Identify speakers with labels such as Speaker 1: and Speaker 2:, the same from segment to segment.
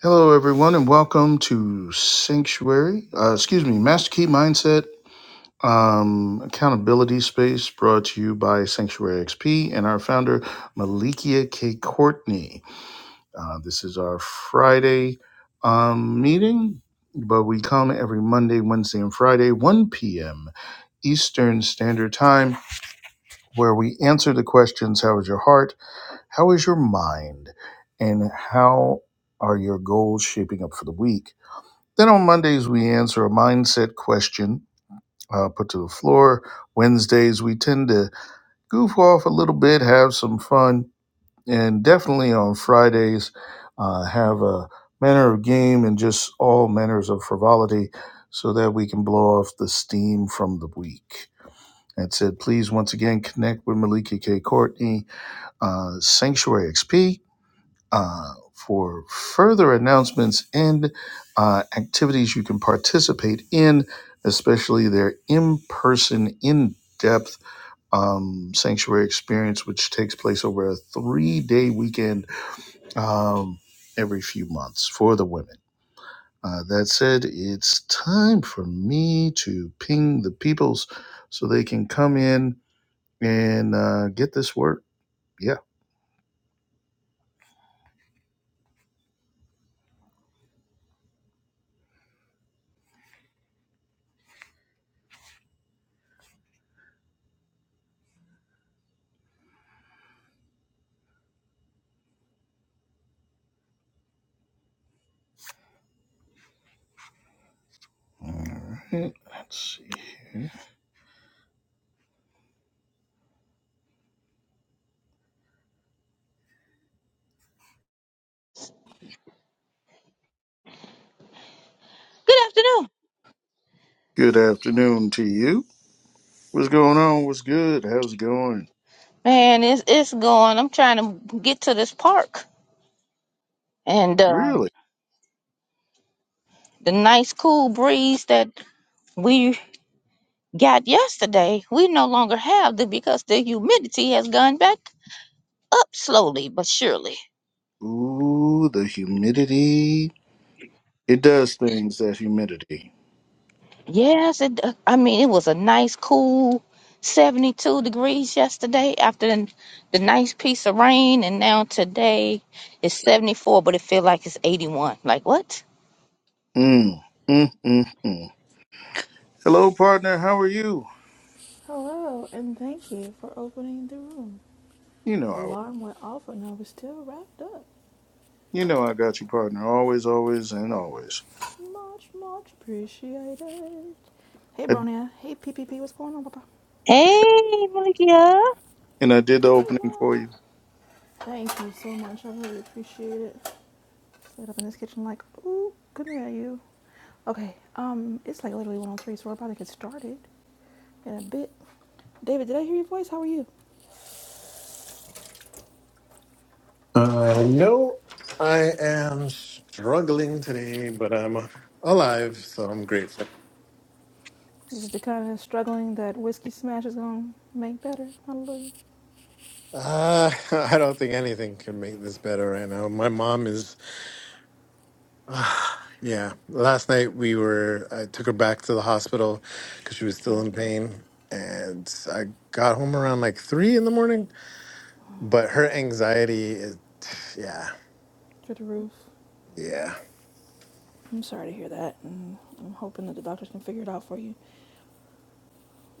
Speaker 1: Hello, everyone, and welcome to Sanctuary. Uh, excuse me, Master Key Mindset um, Accountability Space, brought to you by Sanctuary XP and our founder Malikia K. Courtney. Uh, this is our Friday um, meeting, but we come every Monday, Wednesday, and Friday, 1 p.m. Eastern Standard Time, where we answer the questions How is your heart? How is your mind? And how are your goals shaping up for the week? Then on Mondays, we answer a mindset question uh, put to the floor. Wednesdays, we tend to goof off a little bit, have some fun, and definitely on Fridays, uh, have a manner of game and just all manners of frivolity so that we can blow off the steam from the week. That said, please once again connect with Malika K. Courtney, uh, Sanctuary XP uh, for further announcements and uh, activities you can participate in, especially their in person, in depth um, sanctuary experience, which takes place over a three day weekend um, every few months for the women. Uh, that said, it's time for me to ping the peoples so they can come in and uh, get this work. Yeah. All right. Let's see here.
Speaker 2: Good afternoon.
Speaker 1: Good afternoon to you. What's going on? What's good? How's it going?
Speaker 2: Man, it's it's going. I'm trying to get to this park and um,
Speaker 1: Really?
Speaker 2: the nice cool breeze that we got yesterday. We no longer have the because the humidity has gone back up slowly but surely.
Speaker 1: Ooh, the humidity. It does things, that humidity.
Speaker 2: Yes, it. I mean, it was a nice cool 72 degrees yesterday after the, the nice piece of rain, and now today it's 74, but it feels like it's 81. Like what?
Speaker 1: Mm, mm, mm, mm. Hello, partner. How are you?
Speaker 3: Hello, and thank you for opening the room.
Speaker 1: You know, I,
Speaker 3: Alarm went off and I was still wrapped up.
Speaker 1: you know, I got you, partner. Always, always, and always.
Speaker 3: Much, much appreciated. Hey,
Speaker 1: I,
Speaker 3: Bronia. Hey, PPP. What's going on, Papa?
Speaker 2: Hey, Malikia.
Speaker 1: and I did the opening for
Speaker 3: Hola.
Speaker 1: you.
Speaker 3: Thank you so much. I really appreciate it. Sit up in this kitchen like, ooh, good at you. Okay, um, it's like literally 103, so we're about to get started in a bit. David, did I hear your voice? How are you?
Speaker 4: Uh, no, I am struggling today, but I'm alive, so I'm grateful.
Speaker 3: This is the kind of struggling that Whiskey Smash is going to make better. Hallelujah.
Speaker 4: Uh, I don't think anything can make this better right now. My mom is, yeah. Last night we were, I took her back to the hospital because she was still
Speaker 3: Oh,
Speaker 4: in
Speaker 3: okay.
Speaker 4: pain. And I got home around like three in the morning, but her anxiety is, yeah,
Speaker 3: through the roof.
Speaker 4: yeah.
Speaker 3: I'm sorry to hear that, and I'm hoping that the doctors can figure it out for you.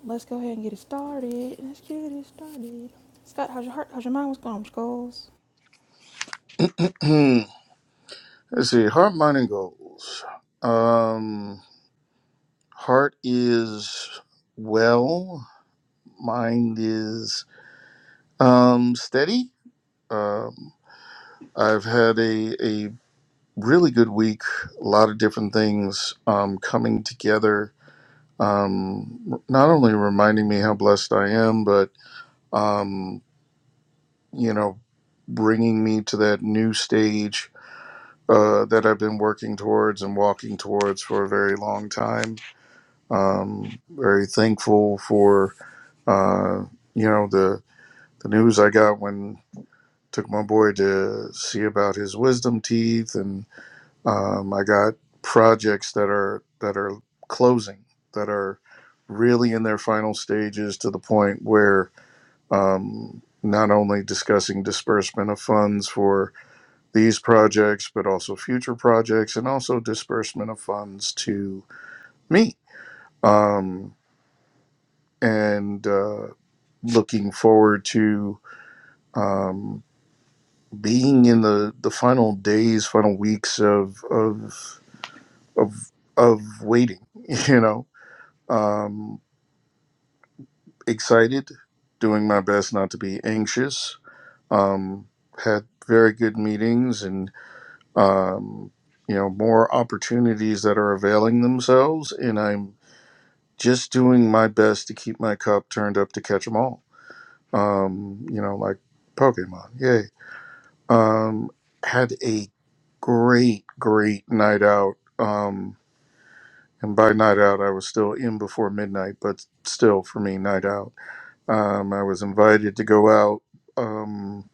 Speaker 3: Let's go ahead and get it started. Let's get it started. Scott, how's your heart? How's your mind? What's going on, Skulls?
Speaker 1: Hmm. Let's see. Heart, mind, and goals. Um, heart is well. Mind is um steady. Um, I've had a, a really good week. A lot of different things um, coming together. Um, not only reminding me how blessed I am, but um, you know, bringing me to that new stage uh, that I've been working towards and walking towards for a very long time. Um, very thankful for uh, you know the the news I got when took my boy to see about his wisdom teeth and. Um, I got projects that are that are closing that are really in their final stages to the point where um, not only discussing disbursement of funds for these projects, but also future projects, and also disbursement of funds to me. Um, and uh, looking forward to um, being in the, the final days, final weeks of of of of waiting. You know, Um, excited, doing my best not to be anxious. Um, had very good meetings and, um, you know, more opportunities that are availing themselves. And I'm just doing my best to keep my cup turned up to catch them all. Um, you know, like Pokemon. Yay. Um, had a great, great night out. Um, and by night out, I was still in before midnight, but still for me, night out Um, I was invited to go out um,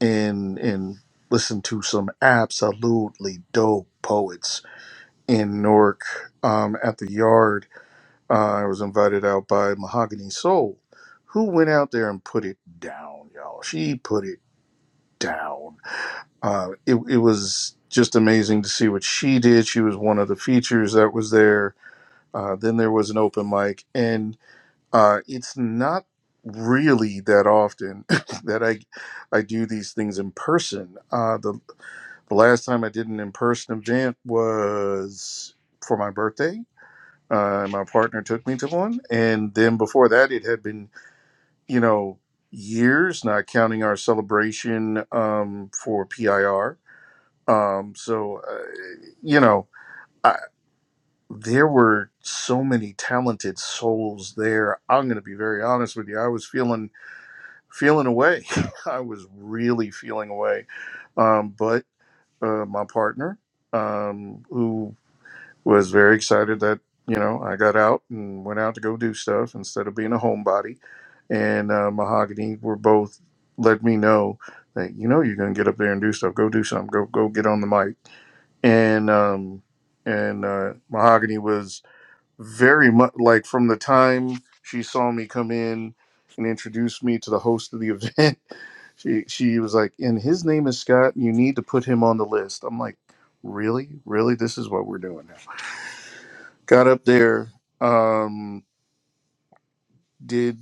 Speaker 1: and and listen to some absolutely dope poets in Newark um, at the Yard. Uh, I was invited out by Mahogany Soul, who went out there and put it down, y'all. She put it down. Uh, it, it was just amazing to see what she did. She was one of the features that was there. Uh, then there was an open mic, and. Uh, it's not really that often that I I do these things in person. Uh, the, the last time I did an in person event was for my birthday. Uh, my partner took me to one, and then before that, it had been you know years, not counting our celebration um, for PIR. Um, so uh, you know. I, there were so many talented souls there. I'm going to be very honest with you. I was feeling feeling away. I was really feeling away. Um, but uh, my partner, um, who was very excited that, you know, I got out and went out to go do stuff instead of being a homebody, and uh, Mahogany were both let me know that, you know, you're going to get up there and do stuff. Go do something. Go, go get on the mic. And, um, and uh, Mahogany was very much like from the time she saw me come in and introduced me to the host of the event she she was like and his name is scott and you need to put him on the list i'm like really really this is what we're doing now got up there um did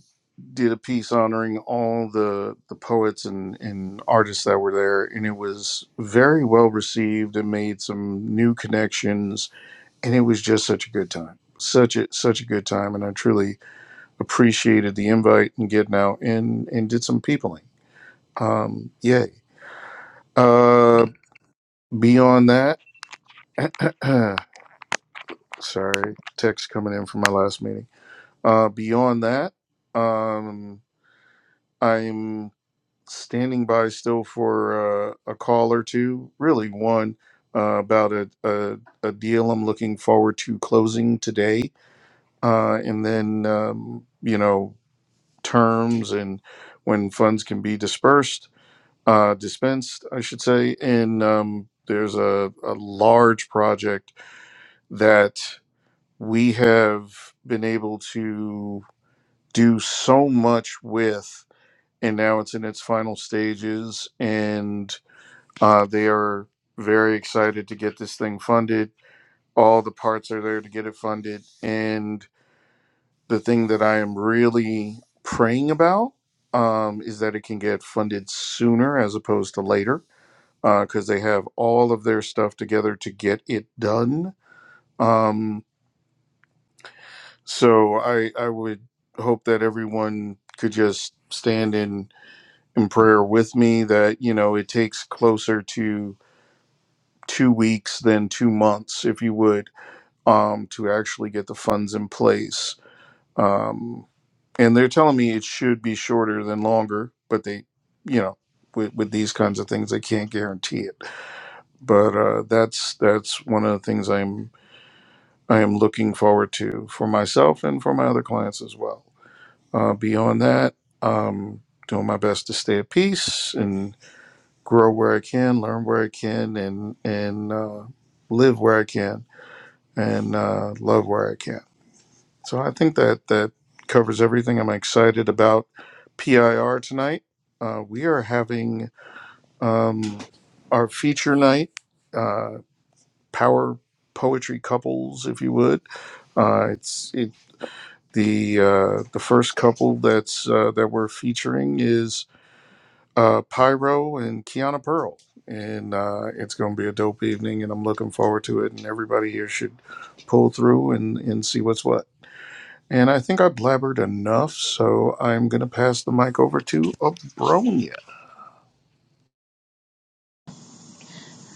Speaker 1: did a piece honoring all the the poets and and artists that were there and it was very well received and made some new connections and it was just such a good time such a such a good time and i truly appreciated the invite and getting out and and did some peopling. Um, yay. Uh, beyond that, sorry, text coming in from my last meeting. Uh, beyond that, um, I'm standing by still for uh, a call or two. Really, one uh, about a, a a deal I'm looking forward to closing today, uh, and then um, you know terms and when funds can be dispersed uh, dispensed, I should say. And um, there's a, a large project that we have been able to do so much with, and now it's in its final stages. And uh, they are very excited to get this thing funded. All the parts are there to get it funded. And the thing that I am really praying about um, is that it can get funded sooner as opposed to later because they have all of their stuff together to get it done. Um, so I I would hope that everyone could just stand in in prayer with me that you know it takes closer to two weeks than two months, if you would, um, to actually get the funds in place. Um, and they're telling me it should be shorter than longer, but they, you know. With, with these kinds of things, they can't guarantee it. But uh, that's that's one of the things I'm I am looking forward to for myself and for my other clients as well. Uh, beyond that, um, doing my best to stay at peace and grow where I can, learn where I can, and and uh, live where I can, and uh, love where I can. So I think that that covers everything. I'm excited about PIR tonight. Uh, we are having um, our feature night, uh, power poetry couples, if you would. Uh, it's The uh, the first couple that's uh, that we're featuring is uh, Pyro and Kiana Pearl, and uh, it's going to be a dope evening, and I'm looking forward to it. And everybody here should pull through and and see what's what. And I think I blabbered enough, so I'm going to pass the mic over to Abronia.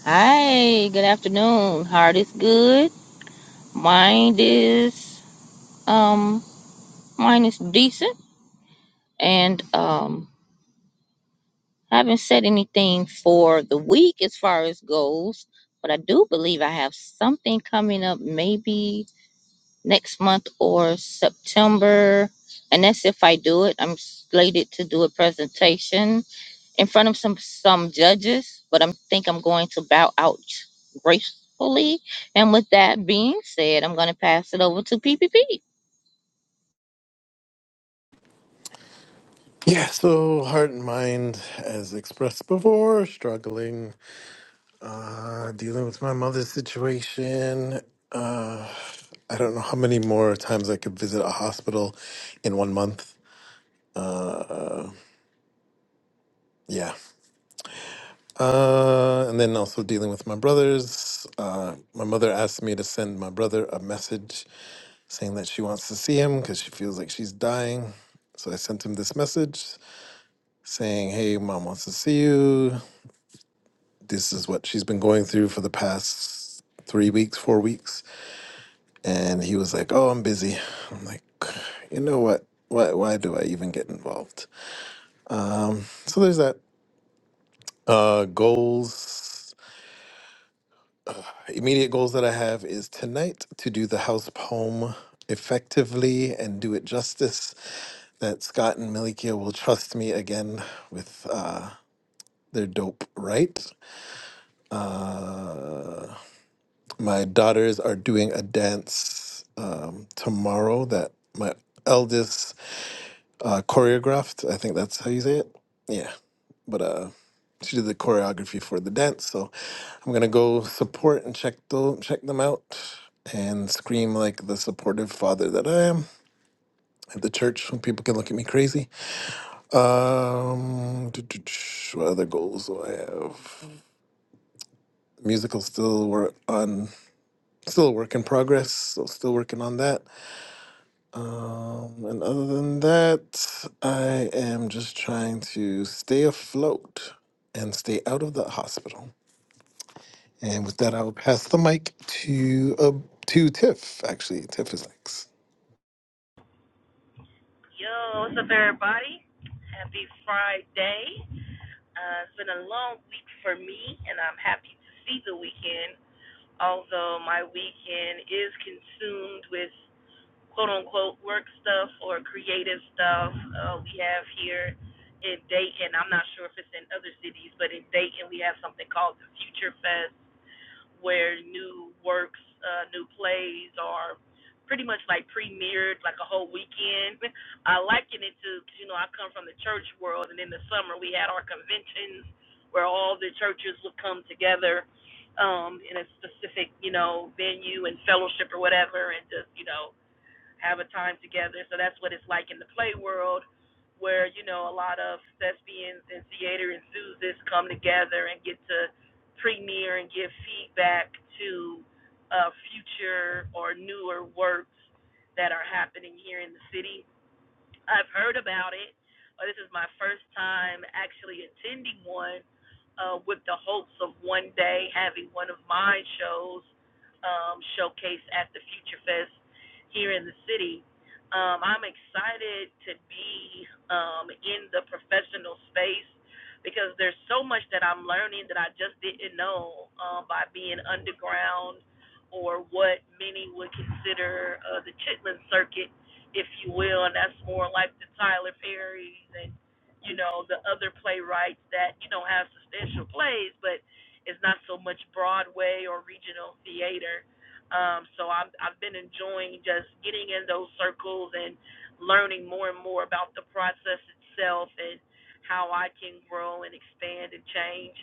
Speaker 2: Hi, good afternoon. Heart is good. Mind is um mine is decent and um I haven't said anything for the week as far as goes, but I do believe I have something coming up maybe next month or September. And that's if I do it. I'm slated to do a presentation in front of some some judges, but I think I'm going to bow out gracefully. And with that being said, I'm going to pass it over to PPP.
Speaker 4: Yeah, so heart and mind, as expressed before, struggling. Uh, dealing with my mother's situation. Uh, I don't know how many more times I could visit a hospital in one month. Uh, yeah. Uh, and then also dealing with my brothers. Uh, my mother asked me to send my brother a message saying that she wants to see him because she feels like she's dying. So I sent him this message saying, Hey, mom wants to see you. This is what she's been going through for the past three weeks, four weeks. and he was like, "Oh, I'm busy." I'm like, "You know what? Why why do I even get involved?" Um, so there's that. Uh, goals. Immediate goals that I have is tonight to do the house poem effectively and do it justice. That Scott and Milikia will trust me again with uh, their dope right. Uh, my daughters are doing a dance um, tomorrow that my eldest uh, choreographed. I think that's how you say it. Yeah, but uh, she did the choreography for the dance, so I'm gonna go support and check them check them out and scream like the supportive father that I am at the church when people can look at me crazy. Um, what other goals do I have? Musical still work on still a work in progress, so still working on that. Um, and other than that, I am just trying to stay afloat and stay out of the hospital. And with that, I'll pass the mic to uh, to Tiff. Actually, Tiff is
Speaker 5: Yo, what's up, everybody? Happy Friday. Uh, it's been a long week for me, and I'm happy to see the weekend, although my weekend is consumed with quote unquote work stuff or creative stuff uh, we have here in Dayton. I'm not sure if it's in other cities, but in Dayton, we have something called the Future Fest where new works, uh, new plays are pretty much like premiered like a whole weekend. I liken it to, 'cause, you know, I come from the church world, and in the summer we had our conventions where all the churches would come together um, in a specific, you know, venue and fellowship or whatever, and just, you know, have a time together. So that's what it's like in the play world, where you know a lot of thespians and theater enthusiasts come together and get to premiere and give feedback to uh, future or newer works that are happening here in the city. I've heard about it, but this is my first time actually attending one uh, with the hopes of one day having one of my shows um, showcased at the Future Fest here in the city. Um, I'm excited to be um, in the professional space because there's so much that I'm learning that I just didn't know um, by being underground or what many would consider uh, the Chitlin Circuit if you will, and that's more like the Tyler Perrys and you know the other playwrights that you know have substantial plays, but it's not so much Broadway or regional theater. Um, so I'm, I've been enjoying just getting in those circles and learning more and more about the process itself and how I can grow and expand and change.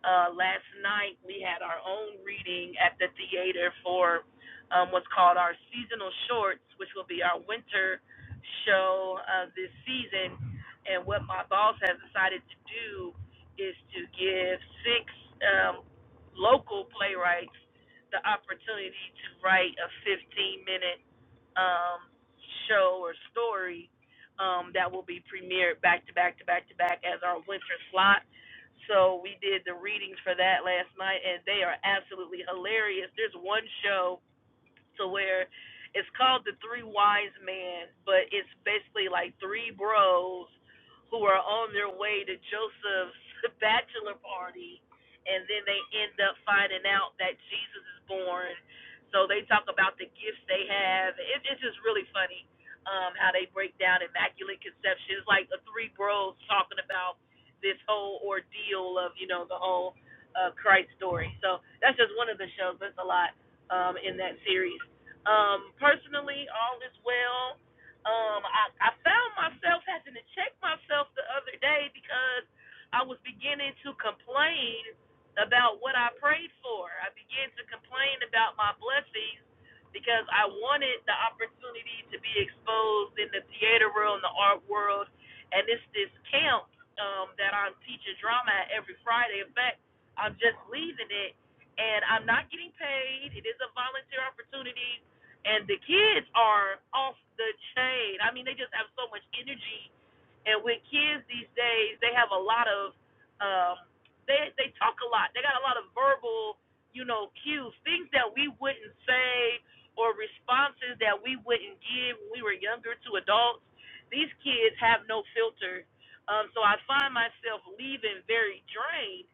Speaker 5: Uh, last night we had our own reading at the theater for um, what's called our seasonal shorts, which will be our winter show uh, this season. And what my boss has decided to do is to give six um, local playwrights the opportunity to write a 15 minute um, show or story um, that will be premiered back to back to back to back as our winter slot. So we did the readings for that last night, and they are absolutely hilarious. There's one show to where it's called the three wise men, but it's basically like three bros who are on their way to Joseph's bachelor party and then they end up finding out that Jesus is born. So they talk about the gifts they have. It, it's just really funny um, how they break down immaculate conception. It's like the three bros talking about this whole ordeal of, you know, the whole uh, Christ story. So that's just one of the shows. That's a lot um, in that series. Um, personally, all is well. Um, I, I found myself having to check myself the other day because I was beginning to complain about what I prayed for. I began to complain about my blessings because I wanted the opportunity to be exposed in the theater world, in the art world, and it's this camp um, that I'm teaching drama at every Friday. In fact, I'm just leaving it and I'm not getting paid. It is a volunteer opportunity, and the kids are off the chain. I mean, they just have so much energy, and with kids these days, they have a lot of, um, they they talk a lot. They got a lot of verbal, you know, cues, things that we wouldn't say or responses that we wouldn't give when we were younger to adults. These kids have no filter. Um, so I find myself leaving very drained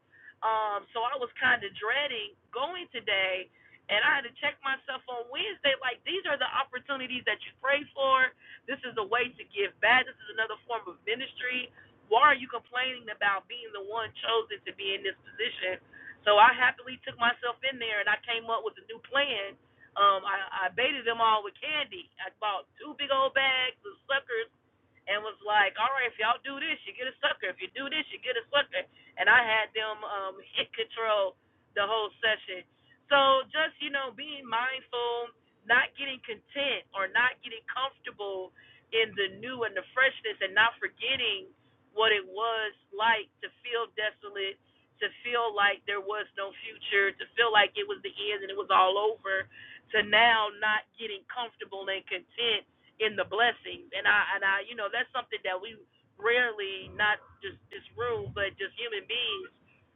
Speaker 5: um, so I was kind of dreading going today, and I had to check myself on Wednesday. Like these are the opportunities that you pray for. This is a way to give back. This is another form of ministry. Why are you complaining about being the one chosen to be in this position? So I happily took myself in there, and I came up with a new plan. Um, I, I baited them all with candy. I bought two big old bags of suckers and was like, "All right, if y'all do this, you get a sucker. If you do this, you get a sucker." And I had them um, hit control the whole session. So just you know, being mindful, not getting content or not getting comfortable in the new and the freshness, and not forgetting what it was like to feel desolate, to feel like there was no future, to feel like it was the end and it was all over, to now not getting comfortable and content in the blessing. And I and I you know that's something that we rarely not just this room but just human beings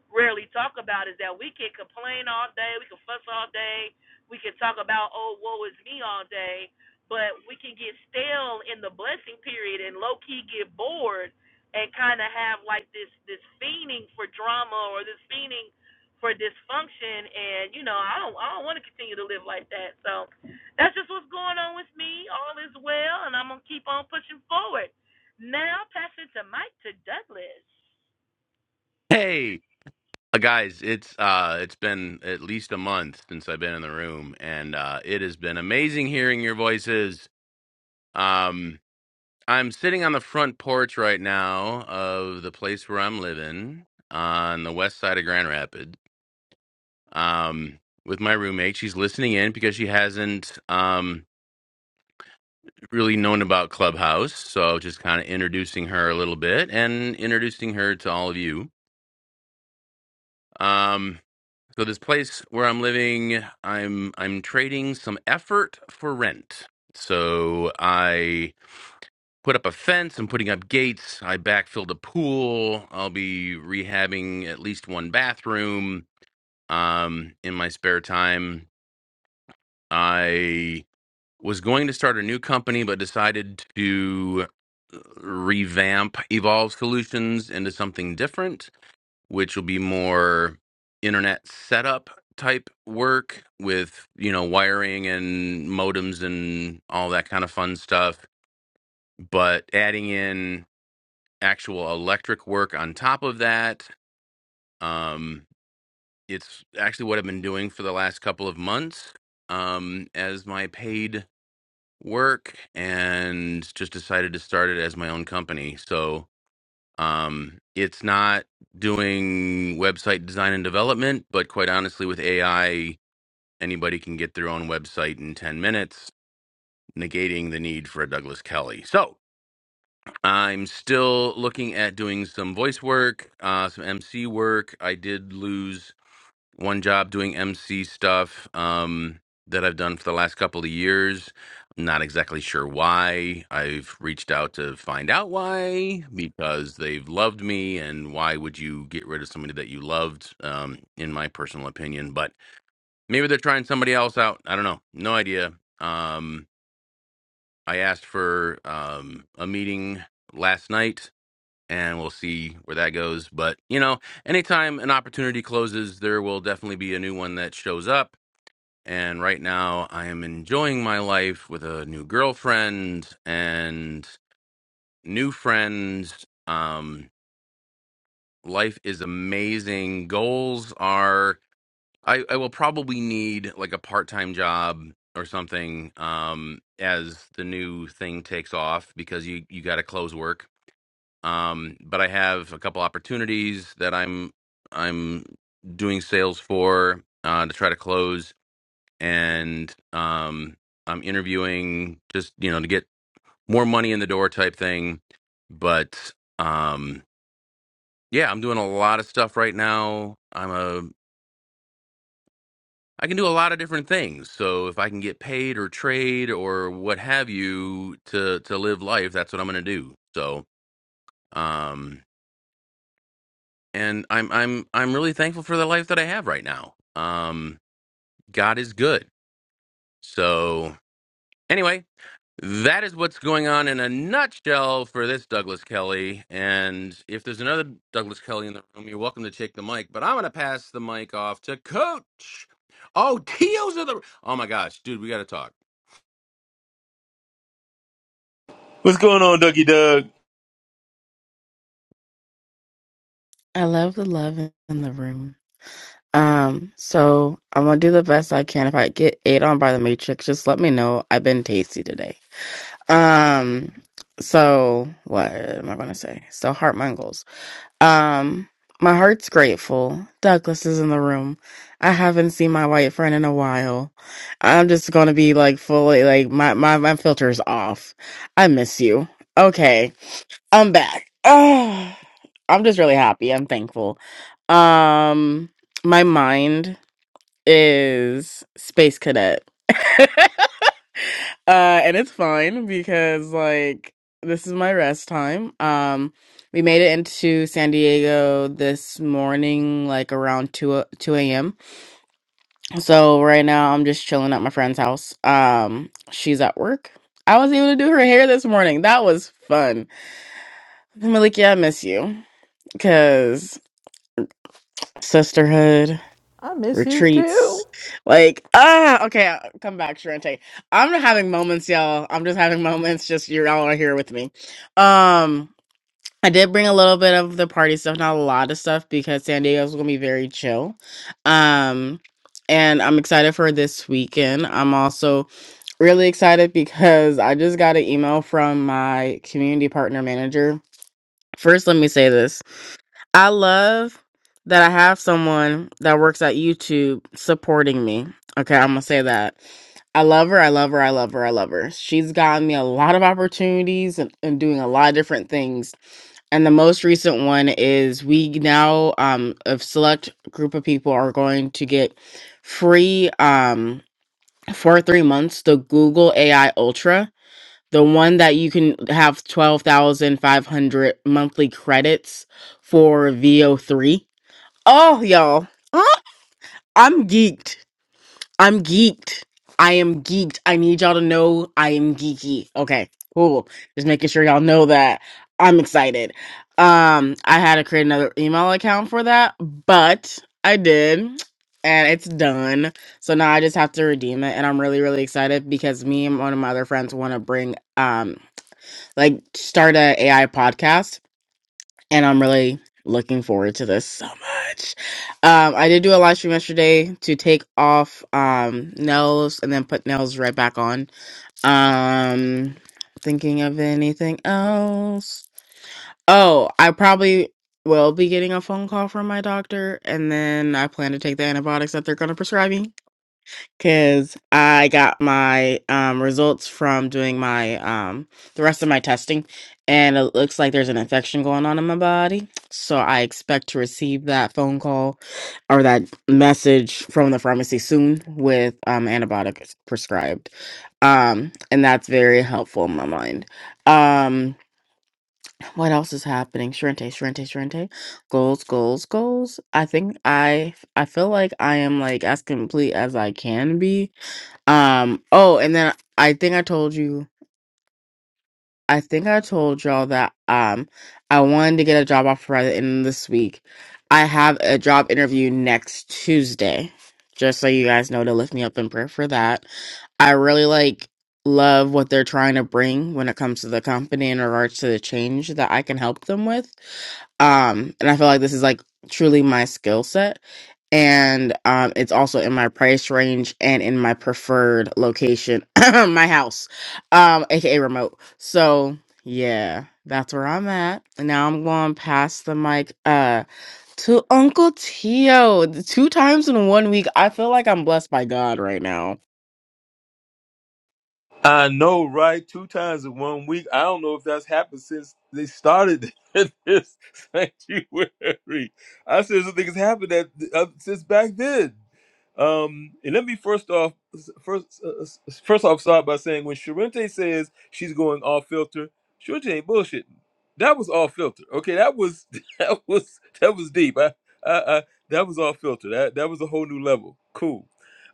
Speaker 5: rarely talk about is that we can complain all day, we can fuss all day, we can talk about oh woe is me all day, but we can get stale in the blessing period and low key get bored and kind of have like this this fiending for drama or this fiending for dysfunction and you know I don't I don't want to continue to live like that so that's just what's going on with me. All is well, and I'm gonna keep on pushing forward. Now pass it to Mike to Douglas.
Speaker 6: Hey, uh, guys, it's uh it's been at least a month since I've been in the room and uh it has been amazing hearing your voices. Um I'm sitting on the front porch right now of the place where I'm living on the west side of Grand Rapids. Um with my roommate, she's listening in because she hasn't um really known about Clubhouse, so just kind of introducing her a little bit and introducing her to all of you. Um, so this place where I'm living, I'm I'm trading some effort for rent. So I put up a fence. I'm putting up gates. I backfilled a pool. I'll be rehabbing at least one bathroom. Um, in my spare time, I was going to start a new company, but decided to uh, revamp Evolve Solutions into something different which will be more internet setup type work with you know wiring and modems and all that kind of fun stuff but adding in actual electric work on top of that um it's actually what i've been doing for the last couple of months um as my paid work and just decided to start it as my own company so Um, it's not doing website design and development, but quite honestly, with AI, anybody can get their own website in 10 minutes, negating the need for a Douglas Kelly. So I'm still looking at doing some voice work, uh, some MC work. I did lose one job doing MC stuff um, that I've done for the last couple of years. I'm not exactly sure why. I've reached out to find out why because they've loved me, and why would you get rid of somebody that you loved? Um, in my personal opinion, but maybe they're trying somebody else out. I don't know. No idea. Um, I asked for um, a meeting last night. And we'll see where that goes. But, you know, anytime an opportunity closes, there will definitely be a new one that shows up and right now, I am enjoying my life with a new girlfriend and new friends. Um, life is amazing. Goals are, I, I will probably need like a part time job or something um, as the new thing takes off because you, you got to close work. Um, but I have a couple opportunities that I'm I'm doing sales for uh, to try to close and um, I'm interviewing just you know to get more money in the door type thing. But um, yeah, I'm doing a lot of stuff right now. I'm a I can do a lot of different things. So if I can get paid or trade or what have you to to live life, that's what I'm going to do. So um, and I'm I'm I'm really thankful for the life that I have right now. Um, God is good. So anyway, That is what's going on in a nutshell for this Douglas Kelly. And if there's another Douglas Kelly in the room, you're welcome to take the mic. But I'm going to pass the mic off to Coach. Oh, Tio's of the. Oh my gosh, dude, we got to talk.
Speaker 7: What's going on, Dougie Doug?
Speaker 8: I love the love in the room. Um, so I'm gonna do the best I can. If I get ate on by the Matrix, just let me know. I've been tasty today. Um, so what am I gonna say? So heart mangles. Um, my heart's grateful. Douglas is in the room. I haven't seen my white friend in a while. I'm just gonna be like fully like my my my filter's off. I miss you. Okay. I'm back. Oh, I'm just really happy. I'm thankful. Um, my mind is space cadet. uh, and it's fine because like this is my rest time. Um, we made it into San Diego this morning, like around two o- two a.m. So right now I'm just chilling at my friend's house. Um, she's at work. I was able to do her hair this morning. That was fun. Malikia, I miss you because sisterhood
Speaker 3: I miss you too.
Speaker 8: retreats like ah okay I'll come back Sharente. i'm having moments y'all i'm just having moments just you're all are here with me um i did bring a little bit of the party stuff not a lot of stuff because san diego's gonna be very chill um and i'm excited for this weekend i'm also really excited because i just got an email from my community partner manager first let me say this I love that I have someone that works at YouTube supporting me. Okay, I'm gonna say that. I love her, I love her, I love her, I love her. She's gotten me a lot of opportunities and, and doing a lot of different things. And the most recent one is we now um a select group of people are going to get free um for three months the Google AI Ultra, the one that you can have twelve thousand five hundred monthly credits for VO3 Oh, y'all. Huh? I'm geeked. I'm geeked. I am geeked. I need y'all to know I am geeky. Okay, cool. Just making sure y'all know that I'm excited. Um, I had to create another email account for that, but I did, and it's done. So now I just have to redeem it, and I'm really, really excited because me and one of my other friends want to bring um like start a AI podcast and I'm really looking forward to this so much. Um, I did do a live stream yesterday to take off um nails and then put nails right back on. Um, thinking of anything else? Oh, I probably will be getting a phone call from my doctor, and then I plan to take the antibiotics that they're gonna prescribe me because I got my um, results from doing my um, the rest of my testing, and it looks like there's an infection going on in my body. So I expect to receive that phone call or that message from the pharmacy soon with um, antibiotics prescribed, um, and that's very helpful in my mind. Um, what else is happening? Shrente, Shrente, Shrente. Goals, goals, goals. I think I I feel like I am like as complete as I can be um, oh, and then I think I told you, I think I told y'all that um I wanted to get a job offer by the end of this week. I have a job interview next Tuesday. Just so you guys know to lift me up in prayer for that. I really like love what they're trying to bring when it comes to the company in regards to the change that I can help them with. Um, and I feel like this is like truly my skill set and um, it's also in my price range and in my preferred location, my house, um, aka remote. So yeah, that's where I'm at. And now I'm going to pass the mic uh to Uncle Tio. The Two times in one week. I feel like I'm blessed by God right now.
Speaker 7: I know, right? Two times in one week. I don't know if that's happened since they started this sanctuary. I seriously think it's happened that uh, since back then. Um, and let me first off, first, uh, first off, start by saying when Sharente says she's going off filter, Sharente ain't bullshitting. That was off filter. Okay, that was that was that was deep. I, I, I that was off filter. That that was a whole new level. Cool.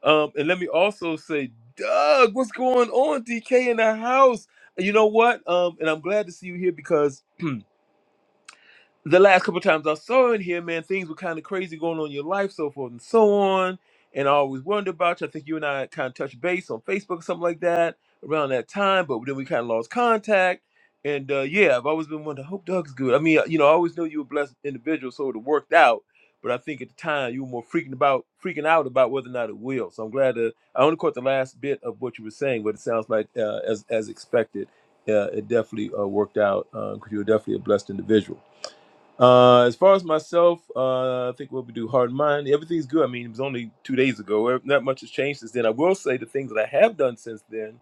Speaker 7: Um, and let me also say Doug, what's going on? DK in the house. You know what? Um, and I'm glad to see you here because the last couple times I saw in here, man, things were kind of crazy going on in your life, so forth and so on. And I always wondered about you. I think you and I kind of touched base on Facebook or something like that around that time, but then we kind of lost contact. And uh, yeah, I've always been wondering, I hope Doug's good. I mean, you know, I always knew you were a blessed individual, so it worked out. But I think at the time you were more freaking about freaking out about whether or not it will. So I'm glad to. I only caught the last bit of what you were saying, but it sounds like uh, as as expected, uh, it definitely uh, worked out because you were definitely a blessed individual. Uh, as far as myself, uh, I think what we do, Heart and Mind, everything's good. I mean, it was only two days ago. Eh, Not much has changed since then. I will say the things that I have done since then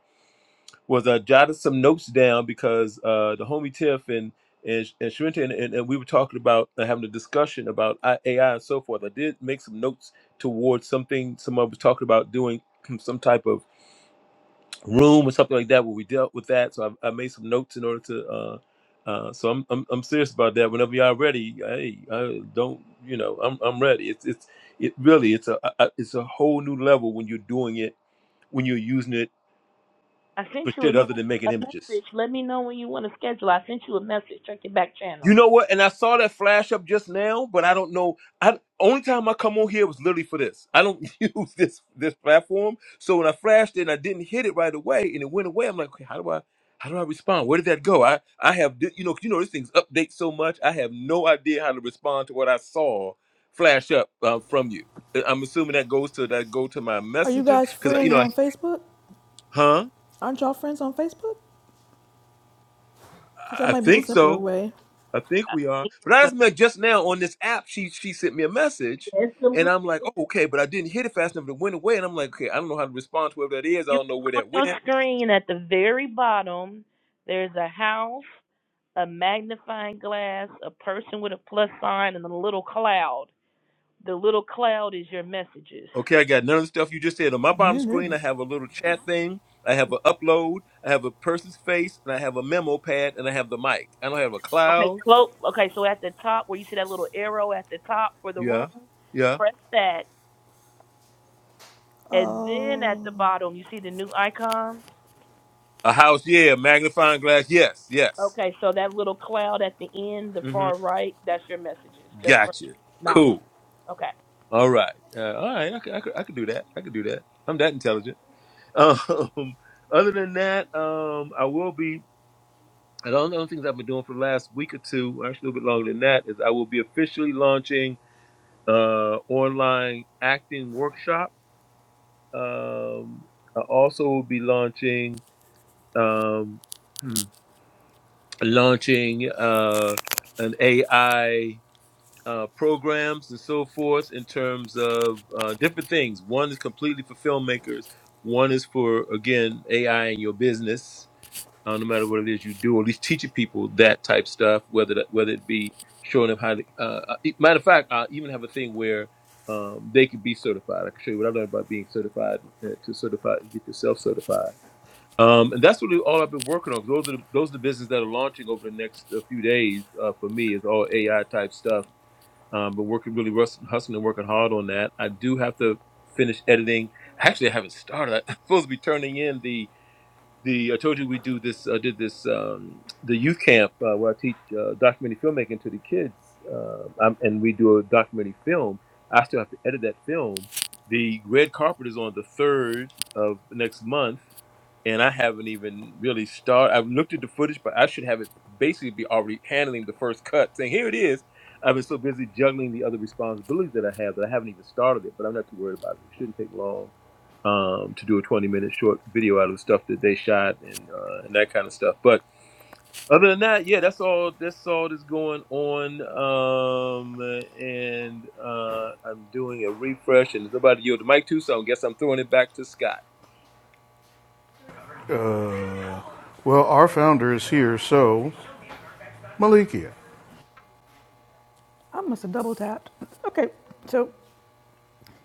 Speaker 7: was I jotted some notes down because uh, the homie Tiff and and, and Sharenta and, and, and we were talking about uh, having a discussion about I- AI and so forth. I did make some notes towards something someone was talking about doing some type of room or something like that where we dealt with that. So I, I made some notes in order to. Uh, uh, so I'm, I'm I'm serious about that. Whenever y'all ready, hey, I don't you know I'm I'm ready. It's it's it really it's a I- I- it's a whole new level when you're doing it when you're using it
Speaker 5: I sent
Speaker 7: for
Speaker 5: you a,
Speaker 7: shit other
Speaker 5: me-
Speaker 7: than making
Speaker 5: a
Speaker 7: images.
Speaker 5: message. Let me know when you want to schedule. I sent you a message. Check your back channel.
Speaker 7: You know what? And I saw that flash up just now, but I don't know. I only time I come on here was literally for this. I don't use this this platform, so when I flashed it and I didn't hit it right away, and it went away, I'm like, okay, how do I how do I respond? Where did that go? I I have di- you know, you know this thing's update so much. I have no idea how to respond to what I saw flash up uh, from you. Uh, I'm assuming that goes to that go to my
Speaker 3: Are you
Speaker 7: messages
Speaker 3: guys
Speaker 7: because you
Speaker 3: friends
Speaker 7: know, I,
Speaker 3: on Facebook?
Speaker 7: huh?
Speaker 3: Aren't y'all friends on Facebook? Because that
Speaker 7: I
Speaker 3: might be the
Speaker 7: think
Speaker 3: simpler
Speaker 7: so.
Speaker 3: way.
Speaker 7: I think
Speaker 5: I
Speaker 7: we are. But I
Speaker 5: so.
Speaker 7: just met just now on this app. She she sent me a message,
Speaker 5: Yes,
Speaker 7: and I'm like, oh, okay. But I didn't hit it fast enough. It went away, and I'm like, okay, I don't know how to respond to whoever that is. I
Speaker 5: you
Speaker 7: don't know where
Speaker 5: look on
Speaker 7: that
Speaker 5: your
Speaker 7: went.
Speaker 5: screen at the very bottom. There's a house, a magnifying glass, a person with a plus sign, and a little cloud. The little cloud is your messages.
Speaker 7: Okay, I got none of the stuff you just said on my bottom
Speaker 3: Me
Speaker 7: screen.
Speaker 3: neither.
Speaker 7: I have a little chat thing. I have an upload. I have a person's face, and I have a memo pad, and I have the mic. I don't have a
Speaker 5: Okay,
Speaker 7: cloud.
Speaker 5: close. Okay, so at the top where you see that little arrow at the top for the room,
Speaker 7: Yeah, yeah.
Speaker 5: press that, and then at the
Speaker 3: Oh,
Speaker 5: bottom you see the new icon.
Speaker 7: A house. Yeah, magnifying glass. Yes, yes.
Speaker 5: Okay, so that little cloud at the end, the
Speaker 7: Mm-hmm.
Speaker 5: far right, that's your messages, just for
Speaker 7: Gotcha.
Speaker 5: knowledge.
Speaker 7: Cool.
Speaker 5: Okay.
Speaker 7: All right. Uh, all right. I could, I could I could do that. I could do that. I'm that intelligent. Um, other than that, um, I will be. And all the other things I've been doing for the last week or two, actually a little bit longer than that, is I will be officially launching uh, online acting workshop. Um, I also will be launching um, hmm, launching uh, an AI uh, programs and so forth in terms of uh, different things. One is completely for filmmakers. One is for again AI in your business uh, no matter what it is you do, or at least teaching people that type stuff, whether that, whether it be showing them how to. Uh, uh, e- matter of fact, I even have a thing where um, they could be certified. I can show you what I learned about being certified uh, to certify get yourself certified. Um, and that's really all I've been working on. Those are the, those are the businesses that are launching over the next uh, few days uh, for me. Is all AI type stuff. Um, but working really rus- hustling and working hard on that. I do have to finish editing. Actually, I haven't started. I'm supposed to be turning in the the I told you we do this uh, did this um, the youth camp uh, where I teach uh, documentary filmmaking to the kids, um, I'm, and we do a documentary film. I still have to edit that film. The red carpet is on the third of next month, and I haven't even really started. I've looked at the footage, but I should have it basically be already handling the first cut, saying here it is. I've been so busy juggling the other responsibilities that I have that I haven't even started it. But I'm not too worried about it. It shouldn't take long um, to do a 20 minute short video out of the stuff that they shot and uh, and that kind of stuff. But other than that, yeah, that's all. That's all that's going on. Um, and uh, I'm doing a refresh, and somebody yielded the mic too, so I guess I'm throwing it back to Scott.
Speaker 1: Uh, well, our founder is here, so Malikia,
Speaker 3: uh, I must have double tapped. Okay, so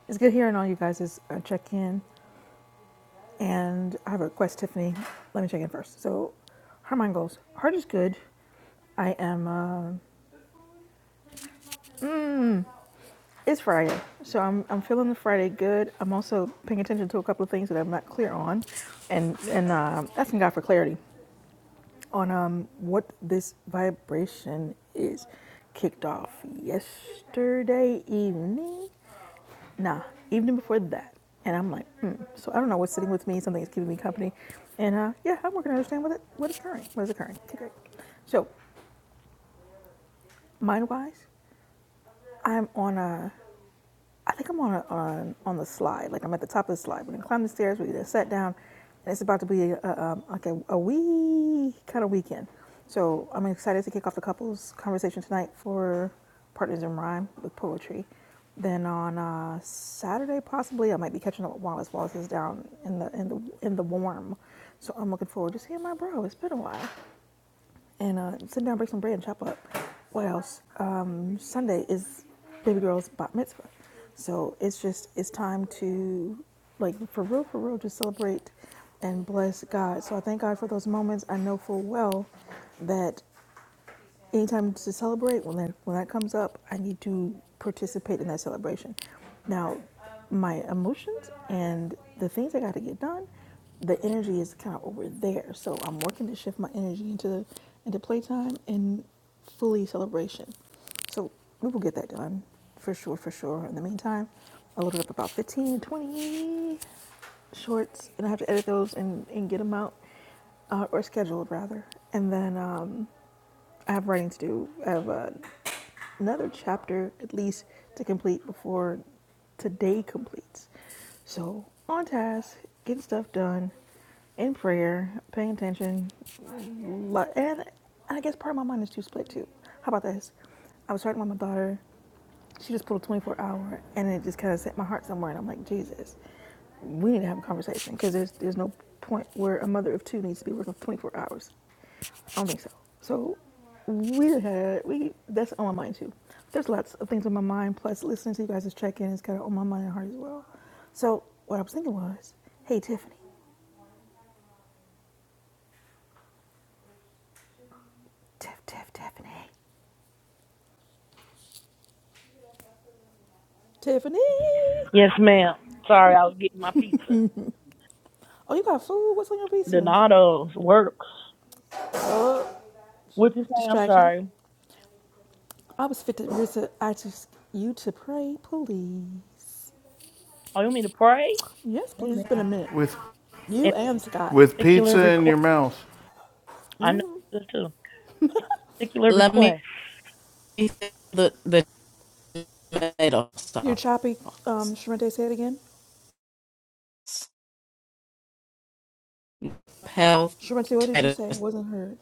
Speaker 3: it's good hearing all you guys' uh, check in. And I have a request, Tiffany. Let me check in first. So, her mind goals. Heart is good. I am. Uh, Mm, It's Friday, so I'm I'm feeling the Friday good. I'm also paying attention to a couple of things that I'm not clear on, and and um asking God for clarity on um what this vibration is. Kicked off yesterday evening, nah, evening before that, and I'm like, hmm. So I don't know what's sitting with me. Something is keeping me company, and uh, yeah, I'm working to understand what it what is occurring. What is occurring? Okay, great. So mind wise, I'm on a I think I'm on on on the slide. Like I'm at the top of the slide. We're gonna climb the stairs. We're gonna sit down, and it's about to be a, um, like a, a wee kind of weekend. So I'm excited to kick off the couples conversation tonight for Partners in Rhyme with poetry. Then on uh, Saturday, possibly I might be catching up with Wallace. Wallace is down in the in the in the warm, so I'm looking forward to seeing my bro. It's been a while and uh, sit down, break some bread, and chop up. What else? Um, Sunday is baby girl's bat mitzvah, so it's just it's time to like for real, for real, just celebrate and bless God. So I thank God for those moments. I know full well that anytime to celebrate when that when that comes up i need to participate in that celebration now my emotions and the things i got to get done the energy is kind of over there so i'm working to shift my energy into into playtime and fully celebration so we will get that done for sure for sure in the meantime i loaded up about 15 20 shorts and i have to edit those and, and get them out uh, or scheduled rather and then um, I have writing to do. I have uh, another chapter at least to complete before today completes. So on task, getting stuff done, in prayer, paying attention, and I guess part of my mind is too split too. How about this? I was talking with my daughter. She just pulled a 24 hour, and it just kind of set my heart somewhere. And I'm like, Jesus, we need to have a conversation because there's there's no point where a mother of two needs to be working for 24 hours. I don't think so. So we had we that's on my mind too. There's lots of things on my mind. Plus, listening to you guys' check-in is kind of on my mind and heart as well. So what I was thinking was, hey Tiffany, Tiff, Tiff, Tiffany, Tiffany.
Speaker 5: Yes, ma'am. Sorry, I was getting my pizza.
Speaker 3: Oh, you got food? What's on your pizza?
Speaker 5: Donato's works.
Speaker 3: Oh,
Speaker 5: What you say? I'm
Speaker 3: distraction.
Speaker 5: sorry.
Speaker 3: I was fit to visit. I just you to pray, please.
Speaker 5: Oh, you want me to pray?
Speaker 3: Yes, please. It's
Speaker 5: Amen.
Speaker 3: been a minute.
Speaker 1: with
Speaker 3: You
Speaker 5: Any
Speaker 3: and Scott.
Speaker 1: with
Speaker 5: particular
Speaker 1: pizza in your
Speaker 5: request?
Speaker 1: mouth.
Speaker 5: I know this too. Particular
Speaker 8: Let me
Speaker 5: request.
Speaker 8: see the the tomato
Speaker 3: You're
Speaker 8: sauce,
Speaker 3: choppy. Um, Sharente, say it again.
Speaker 8: health,
Speaker 3: Sharente, what did you
Speaker 8: tomato
Speaker 3: say? wasn't heard.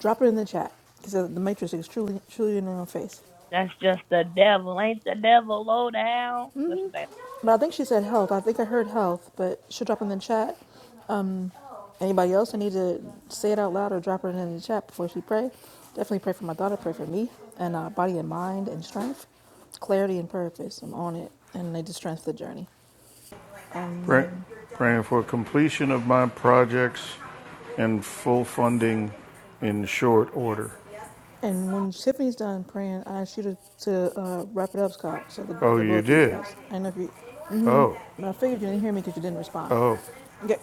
Speaker 3: Drop it in the chat because the matrix is truly, truly in her own face.
Speaker 5: That's just the devil. Ain't the devil low down? That's the devil.
Speaker 3: But I think she said health. I think I heard health, but she'll drop it in the chat. Um, anybody else? I need to say it out loud or drop it in the chat before she pray. Definitely pray for my daughter. Pray for me and uh, body and mind and strength, clarity and purpose. I'm on it, and they just strength the journey.
Speaker 1: Pray- Praying for completion of my projects and full funding in short order.
Speaker 3: And when Tiffany's done praying, I ask you to, to uh, wrap it up, Scott. So the,
Speaker 1: Oh,
Speaker 3: the
Speaker 1: you
Speaker 3: both of you
Speaker 1: did?
Speaker 3: guys. I know if you, mm-hmm,
Speaker 1: Oh,
Speaker 3: but I figured you didn't hear me because you didn't respond.
Speaker 1: oh.
Speaker 3: Okay.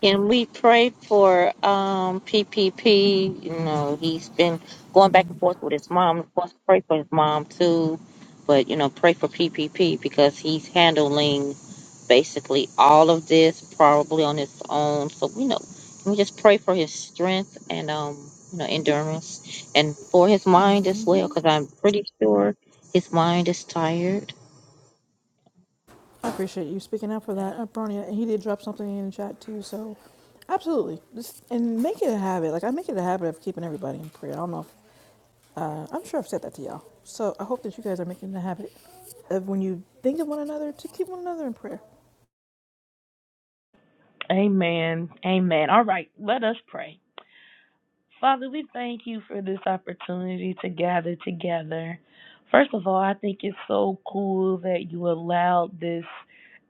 Speaker 2: Can we pray for um PPP? You know, he's been going back and forth with his mom. Of course, pray for his mom too, but you know, pray for PPP because he's handling basically all of this probably on his own. So you know, can we just pray for his strength and um you know endurance and for his mind as
Speaker 3: mm-hmm.
Speaker 2: well? Because I'm pretty sure his mind is tired.
Speaker 3: I appreciate you speaking out for that, uh, Bronya. And he did drop something in the chat too, so absolutely. Just and make it a habit. Like I make it a habit of keeping everybody in prayer. I don't know. If, uh, I'm sure I've said that to y'all. So I hope that you guys are making it a habit of when you think of one another to keep one another in prayer.
Speaker 5: Amen. Amen. All right, let us pray. Father, we thank you for this opportunity to gather together. First of all, I think it's so cool that you allowed this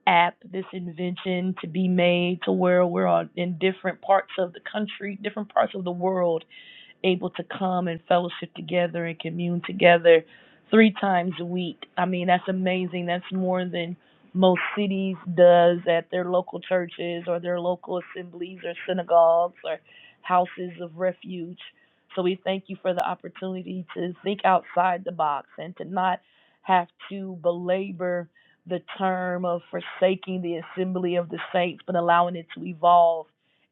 Speaker 5: app, this invention to be made to where we're on, in different parts of the country, different parts of the world able to come and fellowship together and commune together three times a week. I mean, that's amazing. That's more than most cities does at their local churches or their local assemblies or synagogues or houses of refuge. So we thank you for the opportunity to think outside the box and to not have to belabor the term of forsaking the assembly of the saints, but allowing it to evolve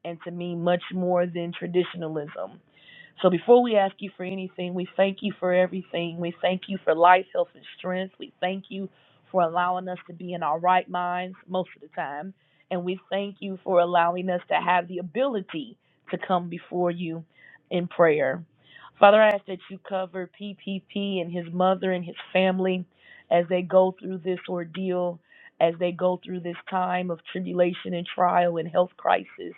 Speaker 5: and to mean much more than traditionalism. So before we ask you for anything, we thank you for everything. We thank you for life, health, and strength. We thank you for allowing us to be in our right minds most of the time. And we thank you for allowing us to have the ability to come before you in prayer. Father, I ask that you cover PPP and his mother and his family as they go through this ordeal, as they go through this time of tribulation and trial and health crisis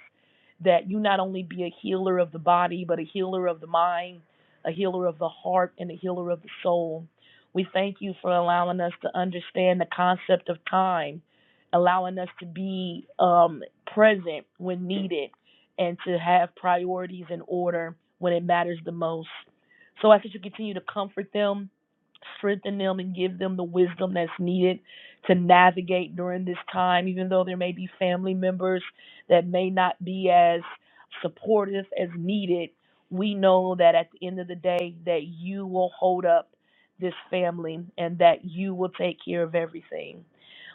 Speaker 5: that you not only be a healer of the body, but a healer of the mind, a healer of the heart, and a healer of the soul. We thank you for allowing us to understand the concept of time, allowing us to be um, present when needed, and to have priorities in order when it matters the most. So I ask that you continue to comfort them, strengthen them, and give them the wisdom that's needed to navigate during this time, even though there may be family members that may not be as supportive as needed, we know that at the end of the day that you will hold up this family and that you will take care of everything.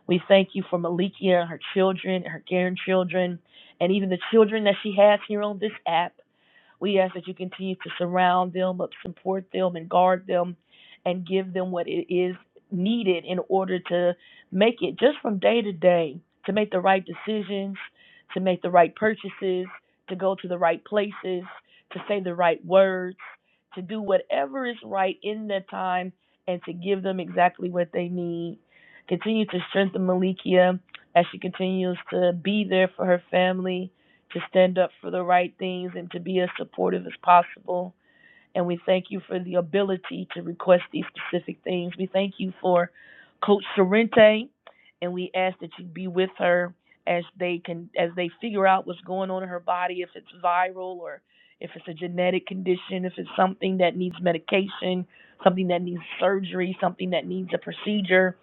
Speaker 5: We thank you for Malikia and her children, her grandchildren, and even the children that she has here on this app. We ask that you continue to surround them, support them, and guard them, and give them what it is needed in order to make it just from day to day to make the right decisions, to make the right purchases, to go to the right places, to say the right words, to do whatever is right in that time, and to give them exactly what they need. Continue to strengthen Malikia as she continues to be there for her family to stand up for the right things and to be as supportive as possible. And we thank you for the ability to request these specific things. We thank you for Coach Sorrente, and we ask that you be with her as they can as they figure out what's going on in her body, if it's viral or if it's a genetic condition, if it's something that needs medication, something that needs surgery, something that needs a procedure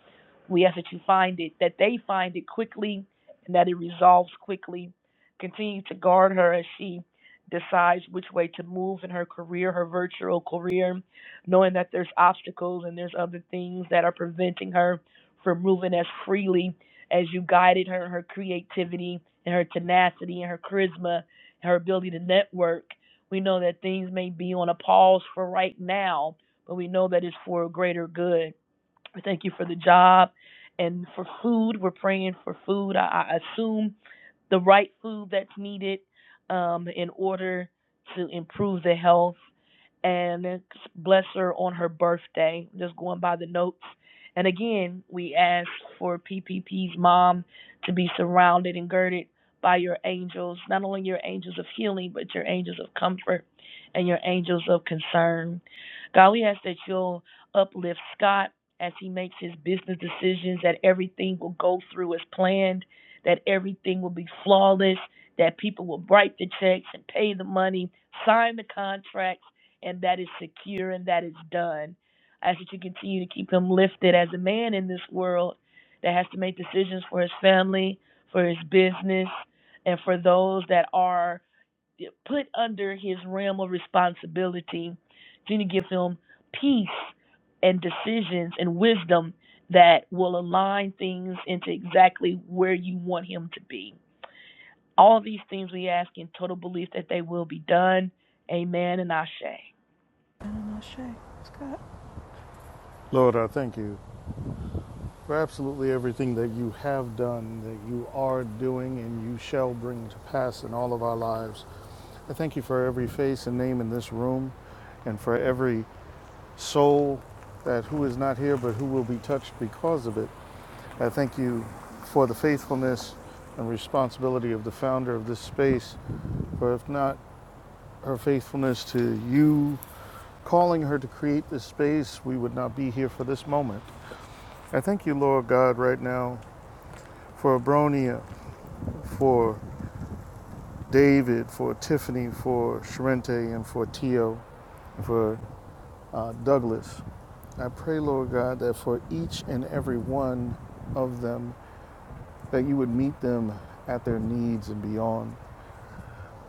Speaker 5: we ask that you find it, that they find it quickly, and that it resolves quickly. Continue to guard her as she decides which way to move in her career, her virtual career, knowing that there's obstacles and there's other things that are preventing her from moving as freely as you guided her, her creativity and her tenacity and her charisma and her ability to network. We know that things may be on a pause for right now, but we know that it's for a greater good we thank you for the job and for food. We're praying for food. I, I assume the right food that's needed um, in order to improve the health. And bless her on her birthday. Just going by the notes. And again, we ask for PPP's mom to be surrounded and girded by your angels, not only your angels of healing, but your angels of comfort and your angels of concern. God, we ask that you'll uplift Scott as he makes his business decisions, that everything will go through as planned, that everything will be flawless, that people will write the checks and pay the money, sign the contracts, and that is secure and that is done. I ask that you continue to keep him lifted as a man in this world that has to make decisions for his family, for his business, and for those that are put under his realm of responsibility to give him peace and decisions and wisdom that will align things into exactly where you want him to be. All these things we ask in total belief that they will be done. Amen and Ashe.
Speaker 3: And I'm not Shay, Scott,
Speaker 1: Lord, I thank you for absolutely everything that you have done, that you are doing, and you shall bring to pass in all of our lives. I thank you for every face and name in this room and for every soul that who is not here but who will be touched because of it. I thank you for the faithfulness and responsibility of the founder of this space, for if not her faithfulness to you calling her to create this space, we would not be here for this moment. I thank you, Lord God, right now for Abronia, for David, for Tiffany, for Sharente, and for Tio, for uh, Douglas. I pray, Lord God, that for each and every one of them, that you would meet them at their needs and beyond.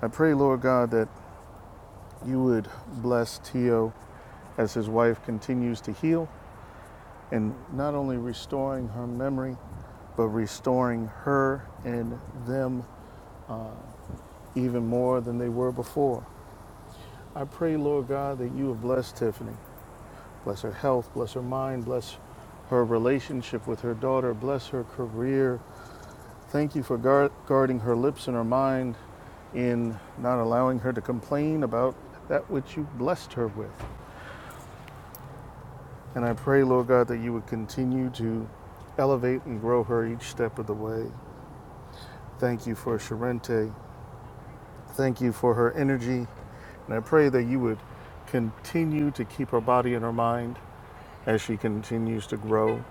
Speaker 1: I pray, Lord God, that you would bless Tio as his wife continues to heal and not only restoring her memory, but restoring her and them even more than they were before. I pray, Lord God, that you have blessed Tiffany. Bless her health, bless her mind, bless her relationship with her daughter, bless her career. Thank you for guard- guarding her lips and her mind in not allowing her to complain about that which you blessed her with. And I pray, Lord God, that you would continue to elevate and grow her each step of the way. Thank you for Sharente. Thank you for her energy. And I pray that you would continue to keep her body and her mind as she continues to grow.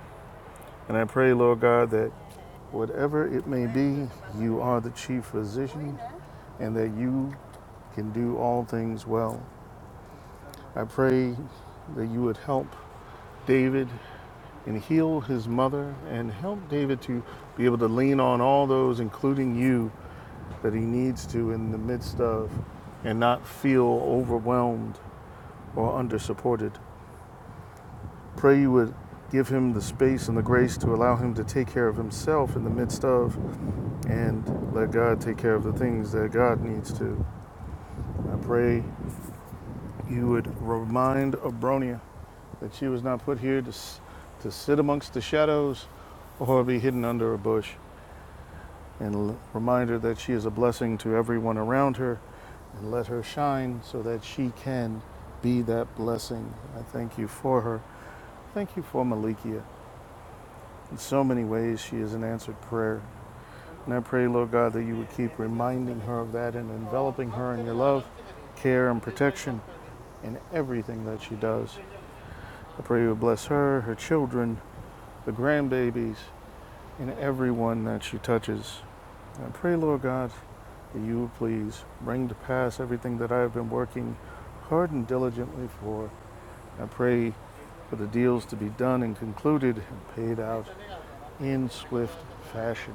Speaker 1: And I pray, Lord God, that whatever it may be, you are the chief physician and that you can do all things well. I pray that you would help David and heal his mother and help David to be able to lean on all those, including you, that he needs to in the midst of and not feel overwhelmed or under supported. Pray you would give him the space and the grace to allow him to take care of himself in the midst of and let God take care of the things that God needs to. I pray you would remind Abronia that she was not put here to, to sit amongst the shadows or be hidden under a bush. and remind her that she is a blessing to everyone around her and let her shine so that she can be that blessing. I thank you for her. Thank you for Malikia. In so many ways, she is an answered prayer. And I pray, Lord God, that you would keep reminding her of that and enveloping her in your love, care, and protection in everything that she does. I pray you would bless her, her children, the grandbabies, and everyone that she touches. I pray, Lord God, that you would please bring to pass everything that I have been working hard and diligently for. I pray for the deals to be done and concluded and paid out in swift fashion.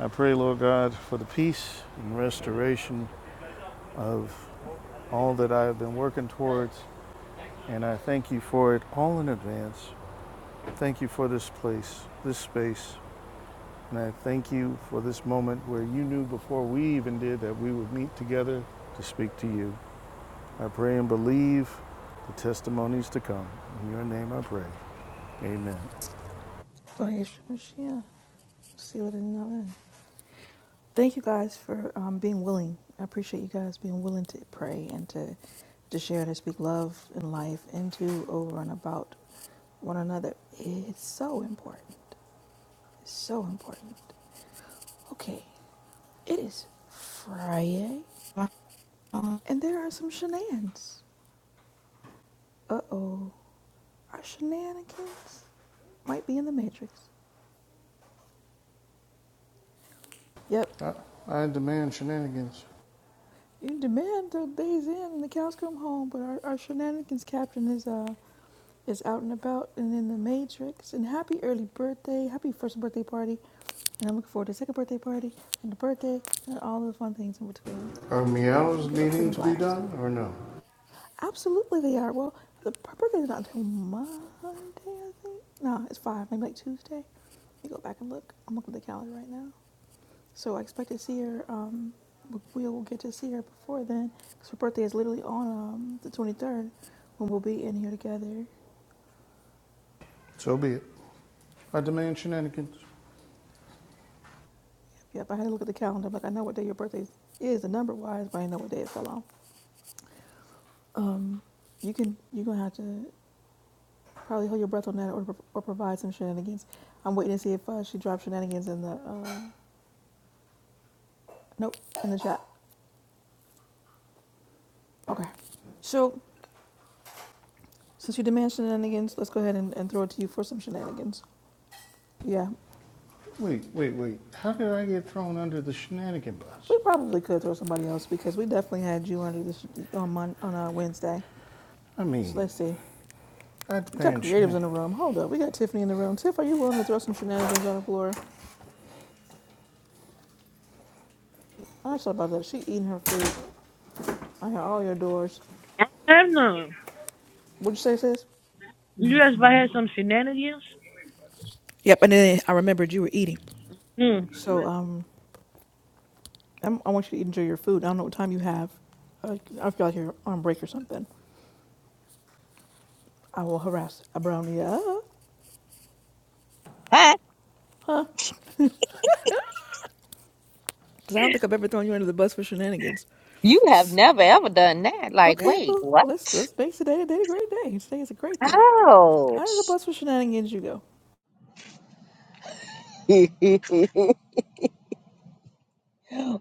Speaker 1: I pray, Lord God, for the peace and restoration of all that I have been working towards, and I thank you for it all in advance. Thank you for this place, this space. And I thank you for this moment where you knew before we even did that we would meet together to speak to you. I pray and believe the testimonies to come. In your name I pray. Amen.
Speaker 3: Flash, Michelle, seal it in the Thank you guys for um, being willing. I appreciate you guys being willing to pray and to to share and to speak love and life into over and about one another is so important. It's So important. Okay, it is Friday, and there are some shenanigans. Uh oh, our shenanigans might be in the Matrix. Yep,
Speaker 1: I, I demand shenanigans.
Speaker 3: you demand till days in and the cows come home, but our, our shenanigans captain is uh is out and about and in the Matrix. And happy early birthday, happy first birthday party, and I'm looking forward to the second birthday party and the birthday and all the fun things in between.
Speaker 1: Are
Speaker 3: I
Speaker 1: meows
Speaker 3: Hope you have a
Speaker 1: needing
Speaker 3: freaking
Speaker 1: to be
Speaker 3: blast.
Speaker 1: done or no?
Speaker 3: Absolutely, they are. Well, the birthday is not until Monday, I think. No, it's five, maybe like Tuesday. Let me go back and look. I'm looking at the calendar right now. So I expect to see her. Um, we- we'll get to see her before then, because her birthday is literally on um, the 23rd, when we'll be in here together.
Speaker 1: So be it. I demand shenanigans.
Speaker 3: Yep, I had to look at the calendar. I'm like, I know what day your birthday is, the number wise, but I didn't know what day it fell on. Um, you can, you're gonna have to probably hold your breath on that, or, or provide some shenanigans. I'm waiting to see if uh, she drops shenanigans in the. Uh, Nope, in the chat. Okay. So, since you demand shenanigans, let's go ahead and, and throw it to you for some shenanigans. Yeah,
Speaker 1: Wait, wait, wait. How did I get thrown under the shenanigan bus?
Speaker 3: we probably could throw somebody else because we definitely had you under this on Mon- on a Wednesday.
Speaker 1: I
Speaker 3: So
Speaker 1: mean,
Speaker 3: let's see.
Speaker 1: I
Speaker 3: We got
Speaker 1: demand
Speaker 3: creatives in
Speaker 1: shenanigans.
Speaker 3: the room. Hold up, we got Tiffany in the room. Tiff, are you willing to throw some shenanigans on the floor? I thought about that. She eating her food. I hear all your doors.
Speaker 5: I have none.
Speaker 3: What'd you say, sis?
Speaker 5: You guys ever had some shenanigans?
Speaker 3: Yep, and then I remembered you were eating.
Speaker 5: mm.
Speaker 3: So um, I'm, I want you to enjoy your food. I don't know what time you have. I, I feel like you're on break or something. I will harass a brownie up.
Speaker 2: Huh?
Speaker 3: Because I don't think I've ever thrown you under the bus for shenanigans.
Speaker 2: You have never ever done that. Like,
Speaker 3: Okay,
Speaker 2: wait,
Speaker 3: well,
Speaker 2: what?
Speaker 3: let's let's make today a day a great day. Today is a great day. Under the
Speaker 2: Ouch.
Speaker 3: bus for shenanigans you go.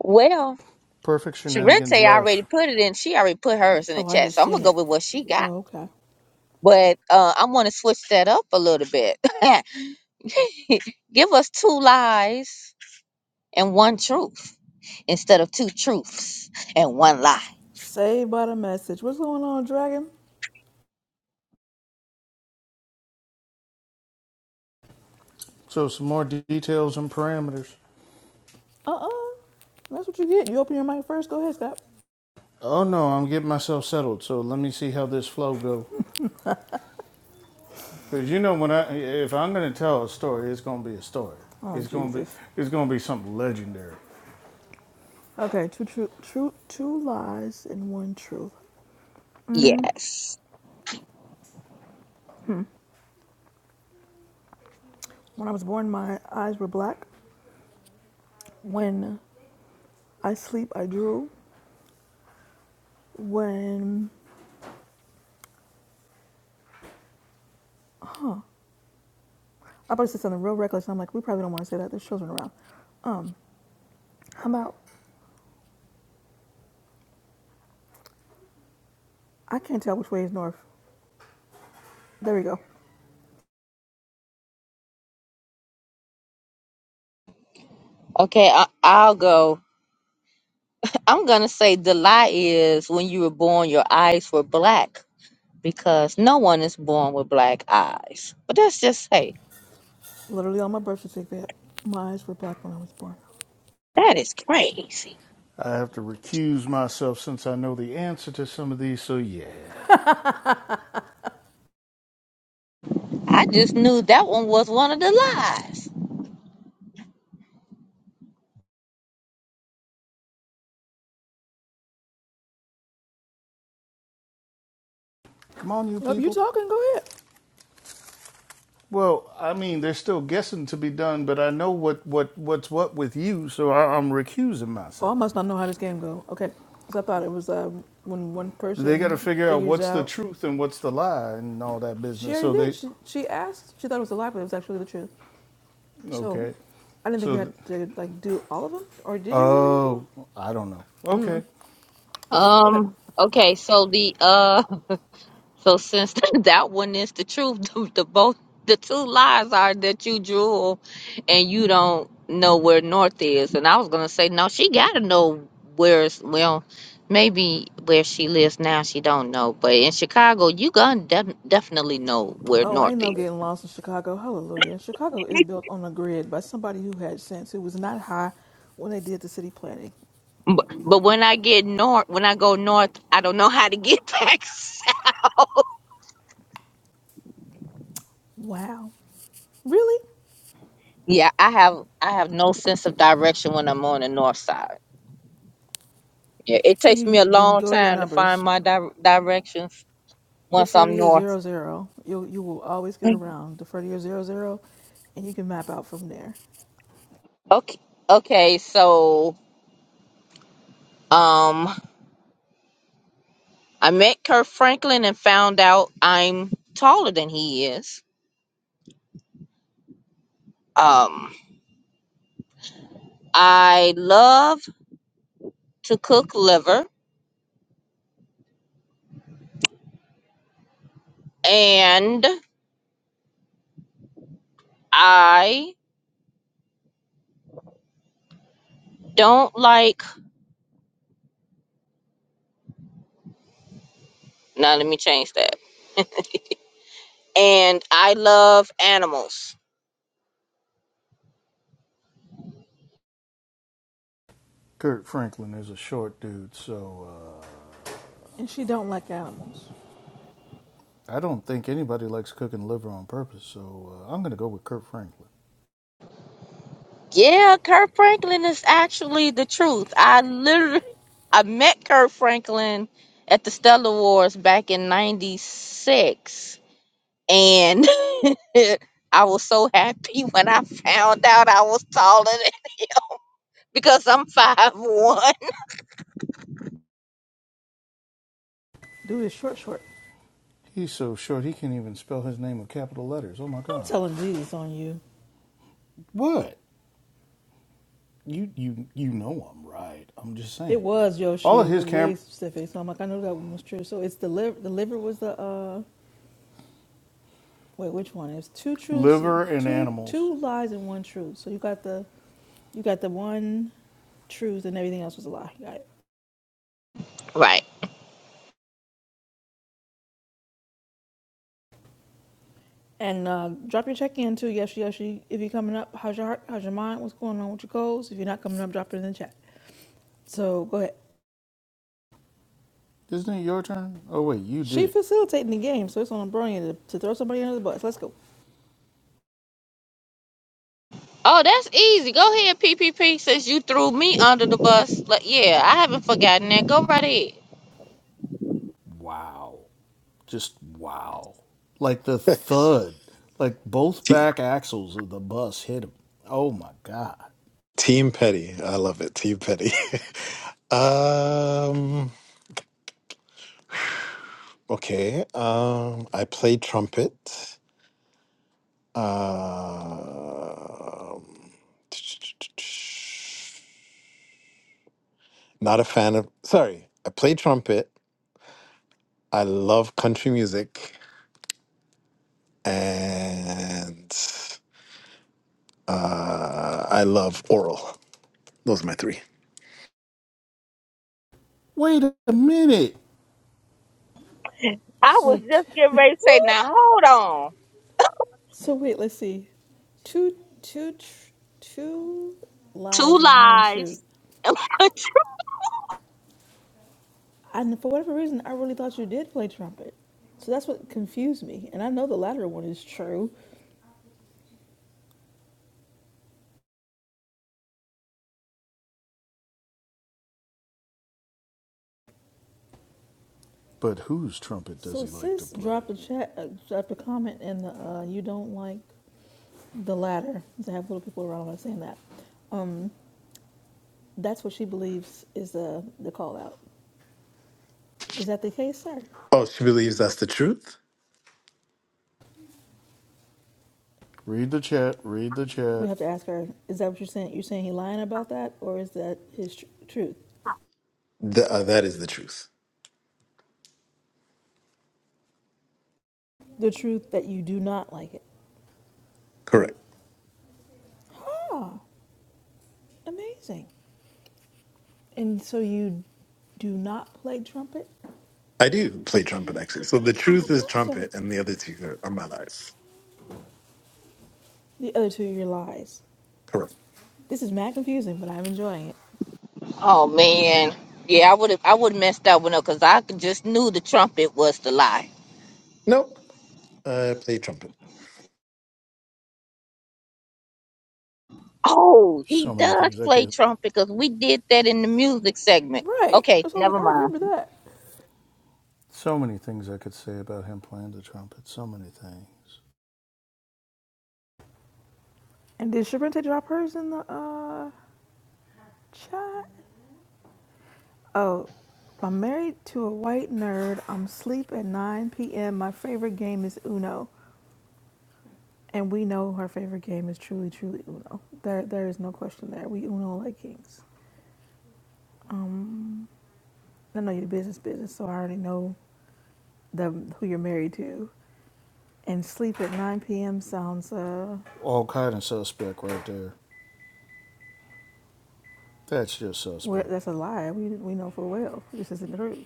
Speaker 2: well,
Speaker 1: Perfect shenanigans
Speaker 2: Sharente already
Speaker 1: left.
Speaker 2: put it in. She already put hers in the
Speaker 3: Oh, I
Speaker 2: chat, so
Speaker 3: just
Speaker 2: I'm gonna
Speaker 3: seen
Speaker 2: go
Speaker 3: it.
Speaker 2: with what she got.
Speaker 3: Oh, okay.
Speaker 2: But uh, I'm gonna switch that up a little bit. Give us two lies and one truth instead of two truths and one lie.
Speaker 3: Saved by the message. What's going on, Dragon?
Speaker 1: So some more de- details and parameters.
Speaker 3: Uh-uh. That's what you get. You open your mic first. Go ahead, Scott.
Speaker 1: Oh no, I'm getting myself settled. So let me see how this flow go. Cause you know when I if I'm gonna tell a story, it's gonna be a story.
Speaker 3: Oh,
Speaker 1: It's gonna be
Speaker 3: Jesus.
Speaker 1: it's gonna be something legendary.
Speaker 3: Okay, two true, true, two lies and one truth.
Speaker 2: Yes.
Speaker 3: When I was born, my eyes were black. When I sleep, I drool. When I about to say something real reckless. and I'm like, we probably don't want to say that. There's children around. Um, how about I can't tell which way is north. There we go.
Speaker 2: Okay, I- I'll go. I'm gonna say the lie is when you were born, your eyes were black because no one is born with black eyes. But that's just hey,
Speaker 3: Literally on my birth certificate, my eyes were black when I was born.
Speaker 2: that is crazy.
Speaker 1: I have to recuse myself since I know the answer to some of these. So yeah,
Speaker 2: I just knew that one was one of the lies.
Speaker 1: come on, you
Speaker 3: Yep, you
Speaker 1: people.
Speaker 3: talking? Go ahead.
Speaker 1: Well, I mean, there's still guessing to be done, but I know what what what's what with you, so I, I'm recusing
Speaker 3: Oh, I
Speaker 1: myself.
Speaker 3: must not know how this game go. Okay, Okay, 'Cause I thought it was uh, when one
Speaker 1: They got
Speaker 3: person
Speaker 1: to figure out
Speaker 3: figures
Speaker 1: what's the
Speaker 3: out.
Speaker 1: truth and what's the lie and all that
Speaker 3: She
Speaker 1: business.
Speaker 3: already
Speaker 1: So
Speaker 3: did.
Speaker 1: they
Speaker 3: She she asked. She thought it was a lie, but it was actually the truth. So,
Speaker 1: okay.
Speaker 3: I didn't think you
Speaker 1: So
Speaker 3: had to like do all of them, or did you really do
Speaker 1: Oh, I don't know. Okay.
Speaker 3: them? Okay.
Speaker 2: Um. Okay. So the uh. So since that one is the truth, the, the both the two lies are that you drool, and you don't know where north is. And I was gonna say no, she gotta know where's well, maybe where she lives now she don't know, but in Chicago you gonna def- definitely know where
Speaker 3: Oh,
Speaker 2: north
Speaker 3: ain't no
Speaker 2: is.
Speaker 3: getting lost in Chicago. Hallelujah. Chicago is built on a grid by somebody who had sense, who was not high when they did the city planning.
Speaker 2: But, but when I get north, when I go north, I don't know how to get back south.
Speaker 3: Wow. Really?
Speaker 2: Yeah, I have I have no sense of direction when I'm on the north side. Yeah, it
Speaker 3: Then
Speaker 2: takes me
Speaker 3: you
Speaker 2: a
Speaker 3: then
Speaker 2: long
Speaker 3: go to your
Speaker 2: time to find
Speaker 3: numbers.
Speaker 2: my di- directions once
Speaker 3: Defer to
Speaker 2: I'm
Speaker 3: your
Speaker 2: north.
Speaker 3: zero zero. You you will always get around. Defer to your zero zero, and you can map out from there.
Speaker 2: Okay, okay, so um, I met Kirk Franklin and found out I'm taller than he is. Um, I love to cook liver, and I don't like. Now let me change that. And I love animals.
Speaker 1: Kirk Franklin is a short dude, so uh,
Speaker 3: And she don't like animals.
Speaker 1: I don't think anybody likes cooking liver on purpose, so uh, I'm going to go with Kirk Franklin.
Speaker 2: Yeah, Kurt Franklin is actually the truth. I literally I met Kurt Franklin at the Stellar Wars back in '96, and I was so happy when I found out I was taller than because I'm five one.
Speaker 3: Dude is short short.
Speaker 1: He's so short he can't even spell his name with capital letters. Oh my
Speaker 3: I'm
Speaker 1: God.
Speaker 3: telling Jesus on you.
Speaker 1: What? You you you know I'm right. I'm just
Speaker 3: It
Speaker 1: saying.
Speaker 3: was
Speaker 1: All
Speaker 3: Yoshi.
Speaker 1: of
Speaker 3: It
Speaker 1: his
Speaker 3: was way
Speaker 1: camp
Speaker 3: specific. So I'm like, I know that one was true. So it's the liver. The liver was the uh Wait, which one? It's two truths, and-
Speaker 1: liver and
Speaker 3: two
Speaker 1: animals.
Speaker 3: two lies and one truth. So you got the you got the one truth and everything else was a lie. You Got it.
Speaker 2: Right.
Speaker 3: And uh, drop your check in too. Yes, yes. You, if you're coming up, how's your heart? How's your mind? What's going on with your goals? If you're not coming up, drop it in the chat. So go ahead.
Speaker 1: Isn't it your turn? Oh wait, you did
Speaker 3: She
Speaker 1: it.
Speaker 3: facilitating the game, so it's on Bronya to, to throw somebody under the bus. Let's go.
Speaker 2: Oh, that's easy. Go ahead, P P P. Since you threw me under the bus, like, yeah, I haven't forgotten that. Go right ahead.
Speaker 1: Wow. just wow. Like the
Speaker 4: next.
Speaker 1: thud, like both
Speaker 4: Te-
Speaker 1: back axles of the bus hit him. Oh my God.
Speaker 4: Team Petty, I love it. Team Petty. um, okay. Um, I play trumpet. Um, not a fan of. Sorry, I play trumpet. I love country music and uh, I love oral. Those are my three.
Speaker 1: Wait a minute.
Speaker 2: I was
Speaker 3: So,
Speaker 2: just getting
Speaker 3: t-
Speaker 2: ready to say, now hold on.
Speaker 3: so wait. Let's see. Two two tr- two
Speaker 2: Two
Speaker 3: lies and one truth.
Speaker 2: lives.
Speaker 3: And for whatever reason, I really thought you did play trumpet. So that's what confused me. And I know the latter one is true.
Speaker 1: But whose trumpet does
Speaker 3: So
Speaker 1: he like to
Speaker 3: sis
Speaker 1: play?
Speaker 3: dropped a chat, uh, dropped a comment in the uh, you don't like the latter. To have little people around when I'm saying that. Um, that's what she believes is the the call out. Is that the case, sir?
Speaker 4: Oh, she believes that's the truth?
Speaker 1: Read the chat, read the
Speaker 3: We
Speaker 1: chat.
Speaker 3: have to ask her. Is that what you're saying? You're saying he lying about that, or is that his tr- truth?
Speaker 4: Th- uh, that is the truth.
Speaker 3: The truth that you do not like it.
Speaker 4: Correct.
Speaker 3: Oh, amazing. And so you do not play trumpet?
Speaker 4: I do play trumpet, actually. So the
Speaker 3: I
Speaker 4: truth is
Speaker 3: thought so.
Speaker 4: trumpet, and the other two are, are my lives.
Speaker 3: The other two of lies.
Speaker 4: Correct.
Speaker 3: This is mad confusing, but I'm enjoying it.
Speaker 2: Oh man, yeah, I would have I would have messed that one up because I just knew the trumpet was the lie.
Speaker 4: Nope. I play trumpet.
Speaker 2: Oh, he
Speaker 1: So many
Speaker 2: does
Speaker 1: things I
Speaker 2: play
Speaker 1: could
Speaker 2: trumpet because we did that in the music segment.
Speaker 3: Right.
Speaker 2: Okay,
Speaker 3: So I was like,
Speaker 2: never
Speaker 3: I
Speaker 2: mind.
Speaker 3: remember that.
Speaker 1: so many things I could say about him playing the trumpet. So many things.
Speaker 3: And did Sharente drop hers in the uh chat? Oh, I'm married to a white nerd. I'm asleep at 9 p.m. My favorite game is Uno. And we know her favorite game is truly, truly Uno. There, there is no question there. We Uno like kings. Um, I know your business, business, so I already know the who you're married to. And sleep at 9 p.m. sounds uh
Speaker 1: All kind of suspect right there. That's just
Speaker 3: Well,
Speaker 1: suspect.
Speaker 3: that's a lie. We we know full well this isn't the truth.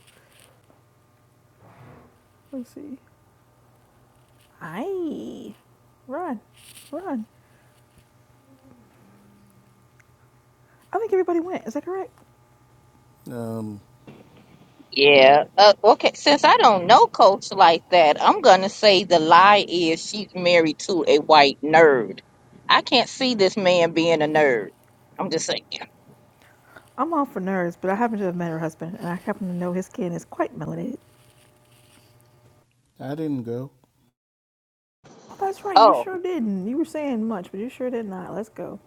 Speaker 3: Let's see. Aye, run, run. I think everybody went. Is that correct?
Speaker 1: Um
Speaker 2: Yeah. Uh, okay, since I don't know Coach like that, I'm gonna say the lie is she's married to a white nerd. I can't see this man being a nerd. I'm just saying.
Speaker 3: I'm all for nerds, but I happen to have met her husband, and I happen to know his skin is quite melanated.
Speaker 1: I didn't go.
Speaker 3: Oh, that's right. You
Speaker 2: Oh,
Speaker 3: sure didn't. You were saying much, but you sure did not. Let's go.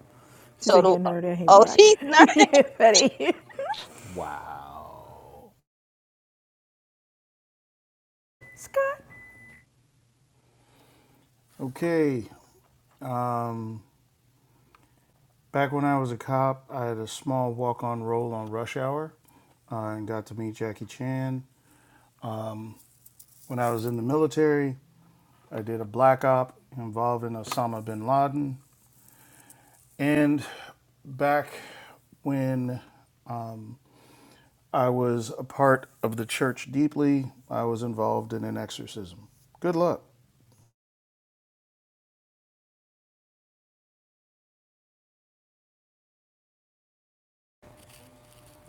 Speaker 3: She
Speaker 2: so
Speaker 3: said he a
Speaker 2: the
Speaker 3: nerd and he
Speaker 2: oh
Speaker 3: black.
Speaker 2: she's nerd.
Speaker 3: yeah, Betty.
Speaker 1: Wow.
Speaker 3: Scott.
Speaker 1: Okay. Um Back when I was a cop, I had a small walk on role on Rush Hour uh, and got to meet Jackie Chan. Um, when I was in the military, I did a black op involving Osama bin Laden. And back when um, I was a part of the church deeply, I was involved in an exorcism. Good luck.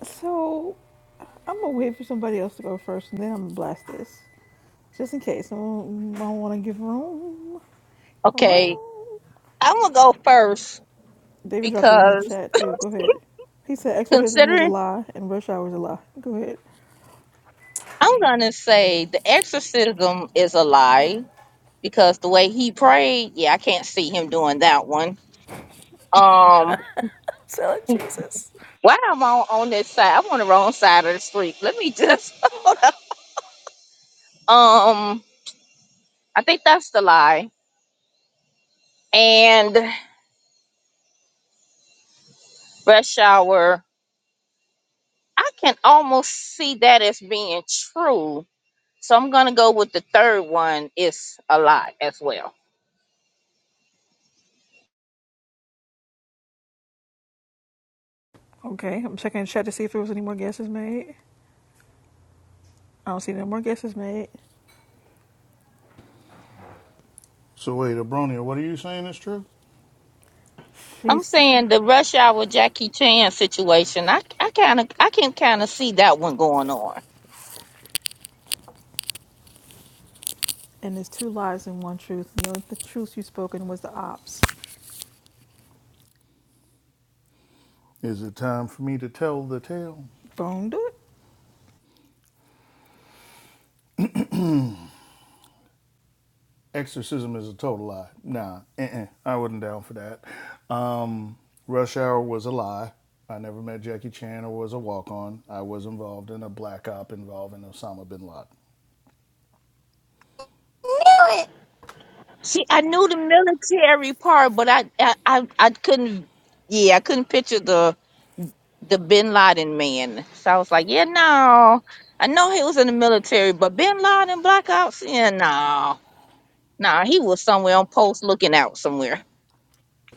Speaker 3: So I'm gonna wait for somebody else to go first, and then I'm gonna blast this, just in case. I don't, I don't want to give room.
Speaker 2: Okay,
Speaker 3: Room.
Speaker 2: I'm gonna go first
Speaker 3: David dropped it in the
Speaker 2: because
Speaker 3: chat too. Go ahead. He said exorcism is
Speaker 2: considering.
Speaker 3: a lie and rush hour is a lie. Go ahead.
Speaker 2: I'm gonna say the exorcism is a lie because the way he prayed, yeah, I can't see him doing that one. Um,
Speaker 3: Sell it, Jesus.
Speaker 2: while I'm on, on this side, I'm on the wrong side of the street. Let me just um, I think that's the lie. And rush hour, I can almost see that as being true. So I'm gonna go with the third one. is a lie as well.
Speaker 3: Okay, I'm checking the chat to see if there was any more guesses made. I don't see no more guesses made.
Speaker 1: So, wait, Abronia, what are you saying is true?
Speaker 2: I'm
Speaker 3: She's
Speaker 2: saying the rush hour Jackie Chan situation. I I kind of I can kind of see that one going on.
Speaker 3: and there's two lies and one truth. The only truth you spoken was the ops.
Speaker 1: Is it time for me to tell the tale?
Speaker 3: Don't do it.
Speaker 1: Exorcism is a total lie. Nah, uh-uh, I wasn't down for that. Um, Rush Hour was a lie. I never met Jackie Chan or was a walk on. I was involved in a black op involving Osama bin Laden.
Speaker 8: sauce.
Speaker 2: See, I knew the military part, but I, I, I, I couldn't. Yeah, I couldn't picture the the Bin Laden man. So I was like, yeah, no. I know he was in the military, but Bin Laden, Black Ops, yeah, no, no, he was somewhere on post looking out somewhere.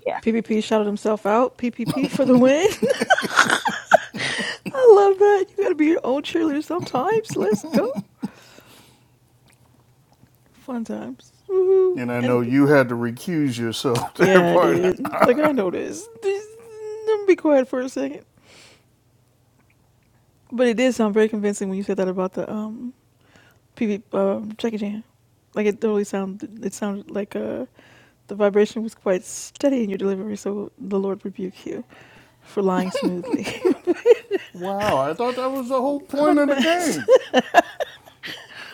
Speaker 2: Yeah.
Speaker 3: PPP shouted himself out. PPP for the win. I love that. You gotta be your own cheerleader sometimes. Let's go. Fun times. Woohoo.
Speaker 1: And I know
Speaker 3: And
Speaker 1: you had to recuse yourself there,
Speaker 3: Yeah, I
Speaker 1: partner.
Speaker 3: did. Like I noticed. Just, don't be quiet for a second. But it did sound very convincing when you said that about the um PV um Jackie Chan. Like it totally sounded. It sounded like uh the vibration was quite steady in your delivery. So the Lord rebuke you for lying smoothly.
Speaker 1: Wow, I thought that was the whole point
Speaker 3: Hot
Speaker 1: of the
Speaker 3: mess.
Speaker 1: game.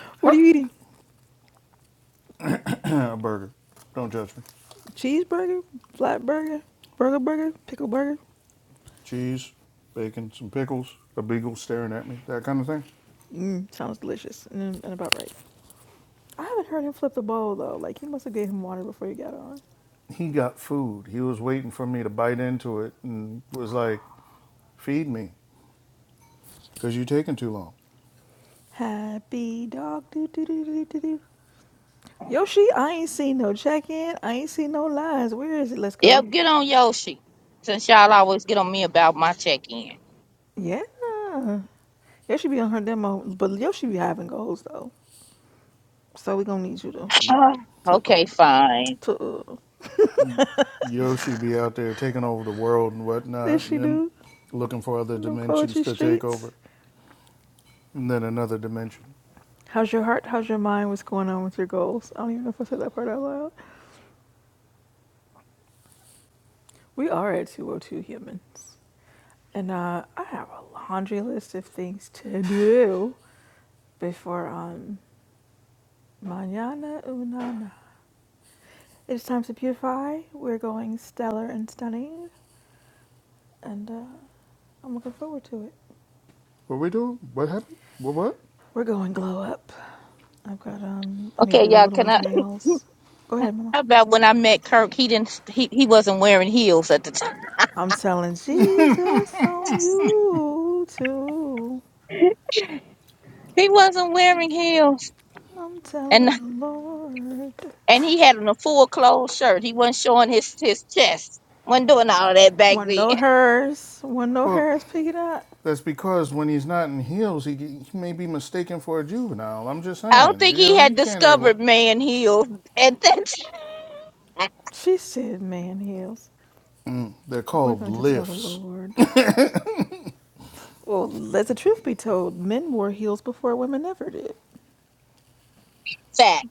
Speaker 3: what are you eating?
Speaker 1: A Burger. Don't judge me.
Speaker 3: Cheeseburger, flat burger, burger burger, pickle burger.
Speaker 1: Cheese, bacon, some pickles, a beagle staring at me, that kind of thing.
Speaker 3: Mm, sounds delicious and, and about right. I haven't heard him flip the bowl though. Like you must have gave him water before you got on.
Speaker 1: He got food. He was waiting for me to bite into it and was like, feed me. because you're taking too long.
Speaker 3: Happy dog. Do, do, do, do, do, do. Yoshi, I ain't seen no check in. I ain't seen no lines. Where is it? Let's go.
Speaker 2: Yep. Get on Yoshi, since y'all always get on me about my check in.
Speaker 3: Yeah. Yoshi be on her demo, but Yoshi be having goals though. So we gonna need you to to uh,
Speaker 2: okay, fine.
Speaker 3: to. Uh,
Speaker 1: Yoshi be out there taking over the world and
Speaker 3: this
Speaker 1: whatnot, and
Speaker 3: she
Speaker 1: then
Speaker 3: do
Speaker 1: looking for other
Speaker 3: in the
Speaker 1: dimensions
Speaker 3: poetry
Speaker 1: to take
Speaker 3: streets.
Speaker 1: over, and then another dimension.
Speaker 3: How's your heart? How's your mind? What's going on with your goals? I don't even know if I said that part out loud. We are at 202 humans. And uh, I have a laundry list of things to do before um mañana una It's time to beautify. We're going stellar and stunning, and uh, I'm looking forward to it.
Speaker 1: What we doing? What happened? What? What?
Speaker 3: We're going glow up. I've got um, I need to
Speaker 2: Okay,
Speaker 3: do the
Speaker 2: y'all.
Speaker 3: little
Speaker 2: Can
Speaker 3: one's
Speaker 2: I?
Speaker 3: nails. Go ahead, Mama.
Speaker 2: How about when I met Kirk? He didn't. He, he wasn't wearing heels at the time.
Speaker 3: I'm telling Jesus on you too.
Speaker 2: He wasn't wearing heels.
Speaker 3: I'm
Speaker 2: and.
Speaker 3: telling the Lord.
Speaker 2: and he had on a full closed shirt. He wasn't showing his his chest. wasn't doing all of that back
Speaker 3: One
Speaker 2: then.
Speaker 3: no hers. One no
Speaker 1: Well,
Speaker 3: hers. Pick it up.
Speaker 1: that's because when he's not in heels, he, he may be mistaken for a juvenile. I'm just
Speaker 2: I don't
Speaker 1: saying,
Speaker 2: think
Speaker 1: you
Speaker 2: he
Speaker 1: know,
Speaker 2: had
Speaker 1: you can't have.
Speaker 2: discovered
Speaker 1: li-
Speaker 2: man heels at that time.
Speaker 3: She said, "Man heals."
Speaker 1: They're
Speaker 3: We're
Speaker 1: called
Speaker 3: going to tell the
Speaker 1: lifts.
Speaker 3: Lord. Well, let the truth be told, men wore heels before women ever did.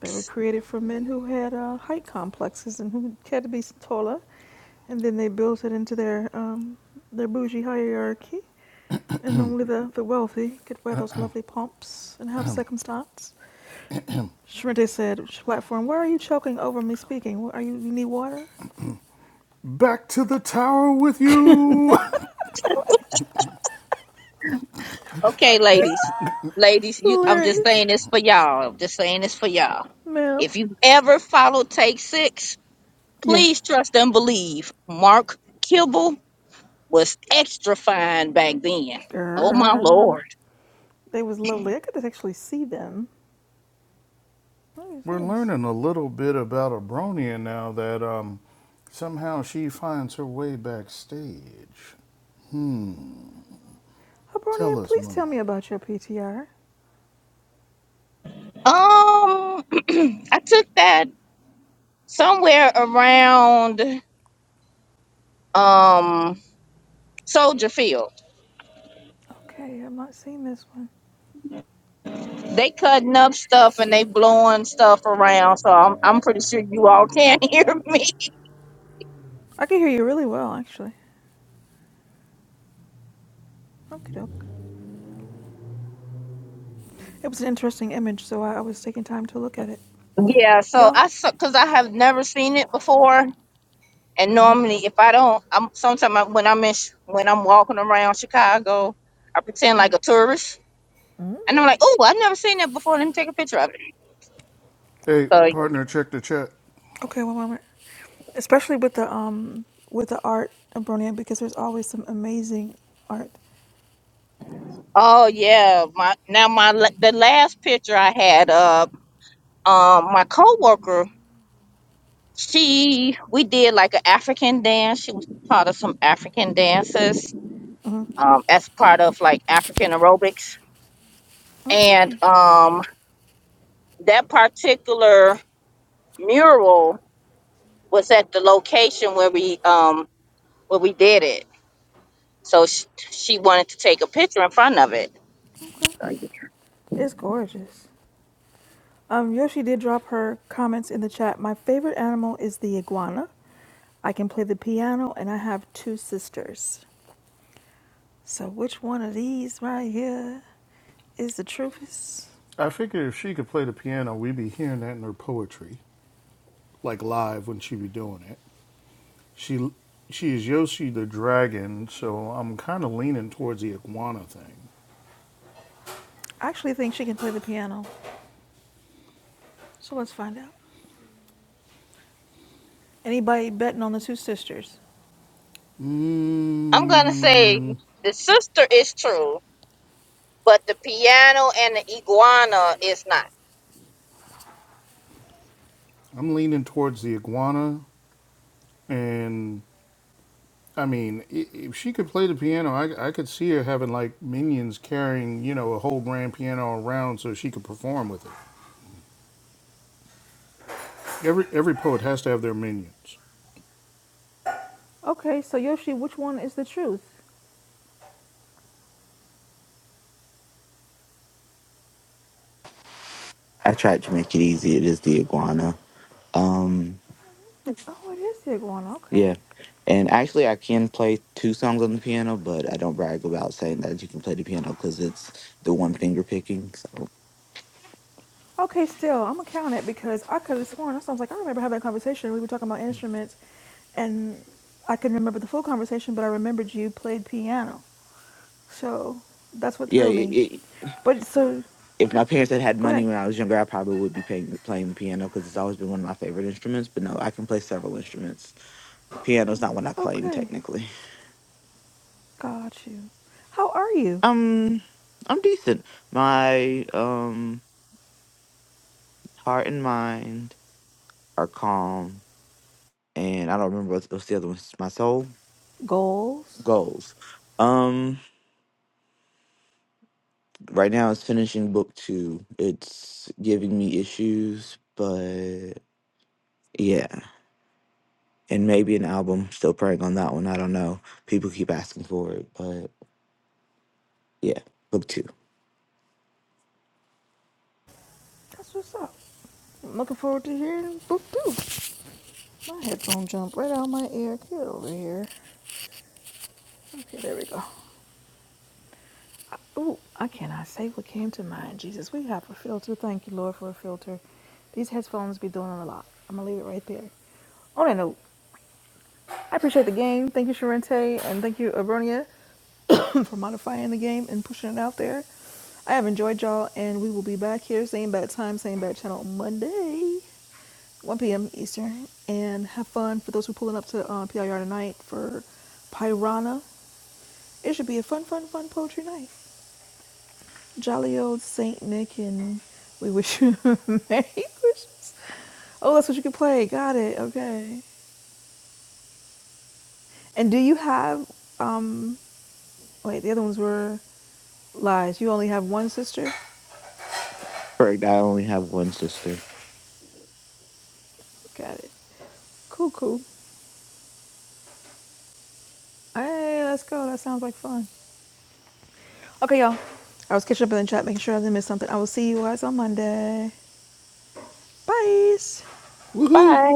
Speaker 3: They were created for men who had uh, height complexes and who had to be taller, and then they built it into their um, their bougie hierarchy. And only the, the wealthy could wear those lovely pumps and have circumstance. Shrente said, platform, why are you choking over me speaking? Are you, you need water?
Speaker 1: Back to the tower with you.
Speaker 2: Okay, ladies, ladies, you. I'm just
Speaker 3: Hilarious.
Speaker 2: saying this for y'all. I'm just saying this for y'all.
Speaker 3: Ma'am.
Speaker 2: If you ever follow Take Six,
Speaker 3: Yeah.
Speaker 2: please trust and believe. Mark Kibble was extra fine back then. Oh my
Speaker 3: Girl.
Speaker 2: lord.
Speaker 3: They was lovely. I could actually see them. What is
Speaker 1: We're
Speaker 3: this?
Speaker 1: learning a little bit about a Bronia now that um, somehow she finds her way backstage. Tell
Speaker 3: Habronia,
Speaker 1: us,
Speaker 3: please
Speaker 1: Moon.
Speaker 3: tell me about your PTR.
Speaker 2: Um, I took that somewhere around. um soldier field.
Speaker 3: Okay, I'm not seeing this one.
Speaker 2: They cutting up stuff and they blowing stuff around. So I'm I'm pretty sure you all can hear me.
Speaker 3: I can hear you really well, actually. Okay, doke. It was an interesting image, so I, I was taking time to look at it.
Speaker 2: Yeah. So
Speaker 3: Y'all,
Speaker 2: I because I have never seen it before, and normally if I don't, I'm sometimes when I'm in Ch- when I'm walking around Chicago, I pretend like a tourist, and I'm like, oh, I've never seen that before. Let me take a picture of it.
Speaker 1: Hey,
Speaker 2: So
Speaker 1: partner, check the chat.
Speaker 3: okay, one moment. Especially with the um with the art of Bronia, because there's always some amazing art.
Speaker 2: oh yeah, my now my la- the last picture I had up. Um, my coworker She, we did like an African dance. She was taught us some African dances
Speaker 3: hmm
Speaker 2: um, as part of like African aerobics. And
Speaker 3: Okay,
Speaker 2: um, that particular mural was at the location where we um, where we did it. So she, she wanted to take a picture in front of it.
Speaker 3: okay, it's gorgeous. Um, Yoshi did drop her comments in the chat. My favorite animal is the iguana. I can play the piano, and I have two sisters. So which one of these right here is the truest?
Speaker 1: I figured if she could play the piano, we'd be hearing that in her poetry, like live when she be doing it. She she is Yoshi the dragon, so I'm kind of leaning towards the iguana thing.
Speaker 3: I actually think she can play the piano. So let's find out. Anybody betting on the two sisters?
Speaker 2: I'm gonna say
Speaker 1: Mm,
Speaker 2: the sister is true, but the piano and the iguana is not.
Speaker 1: I'm leaning towards the iguana, and I mean, if she could play the piano, I, I could see her having like minions carrying, you know, a whole grand piano around so she could perform with it. Every every poet has to have their minions.
Speaker 3: Okay, so Yoshi, which one is the truth?
Speaker 9: I tried to make it easy. It is the iguana. Um,
Speaker 3: Oh, it is the iguana. Okay.
Speaker 9: yeah. And actually, I can play two songs on the piano, but I don't brag about saying that you can play the piano because it's the one finger picking. So,
Speaker 3: Okay, still, I'm gonna count it because I could have sworn. I was like, I remember having a conversation. We were talking about instruments, and I couldn't remember the full conversation, but I remembered you played piano. So that's what
Speaker 9: yeah,
Speaker 3: threw
Speaker 9: it,
Speaker 3: me.
Speaker 9: it,
Speaker 3: But so,
Speaker 9: if my parents had had
Speaker 3: go
Speaker 9: money
Speaker 3: ahead.
Speaker 9: when I was younger, I probably would be paying, playing the piano because it's always been one of my favorite instruments. But no, I can play several instruments. Piano's not one I claim
Speaker 3: Okay,
Speaker 9: technically.
Speaker 3: got you. How are you?
Speaker 9: Um, I'm decent. My um heart and mind are calm, and I don't remember what's, what's the other one. My soul.
Speaker 3: Goals?
Speaker 9: goals. Um, right now it's finishing book two. It's giving me issues, but yeah, and maybe an album. Still praying on that one. I don't know. People keep asking for it, but yeah, book two.
Speaker 3: That's what's up. I'm looking forward to hearing boop boop. My headphone jumped right out of my ear. Get over here. Okay, there we go. Ooh, I cannot say what came to mind. Jesus, we have a filter. Thank you, Lord, for a filter. These headphones be doing a lot. I'm gonna leave it right there. On that note, I appreciate the game. Thank you, Sharente, and thank you, Abronia, for modifying the game and pushing it out there. I have enjoyed y'all, and we will be back here, same bad time, same bad channel, Monday, 1 p.m. Eastern. And have fun for those who are pulling up to uh, PIR tonight for Pirana. It should be a fun, fun, fun poetry night. Jolly old Saint Nick, and we wish you Merry Christmas. Oh, that's what you can play. Got it. Okay. And do you have? um Wait, the other ones were lies. You only have one sister?
Speaker 9: Correct. I only have one sister.
Speaker 3: Got it. Cool, cool. Hey, let's go. That sounds like fun. Okay, y'all. I was catching up in the chat, making sure I didn't miss something. I will see you guys on Monday. Bye.
Speaker 1: Woohoo!
Speaker 2: Bye.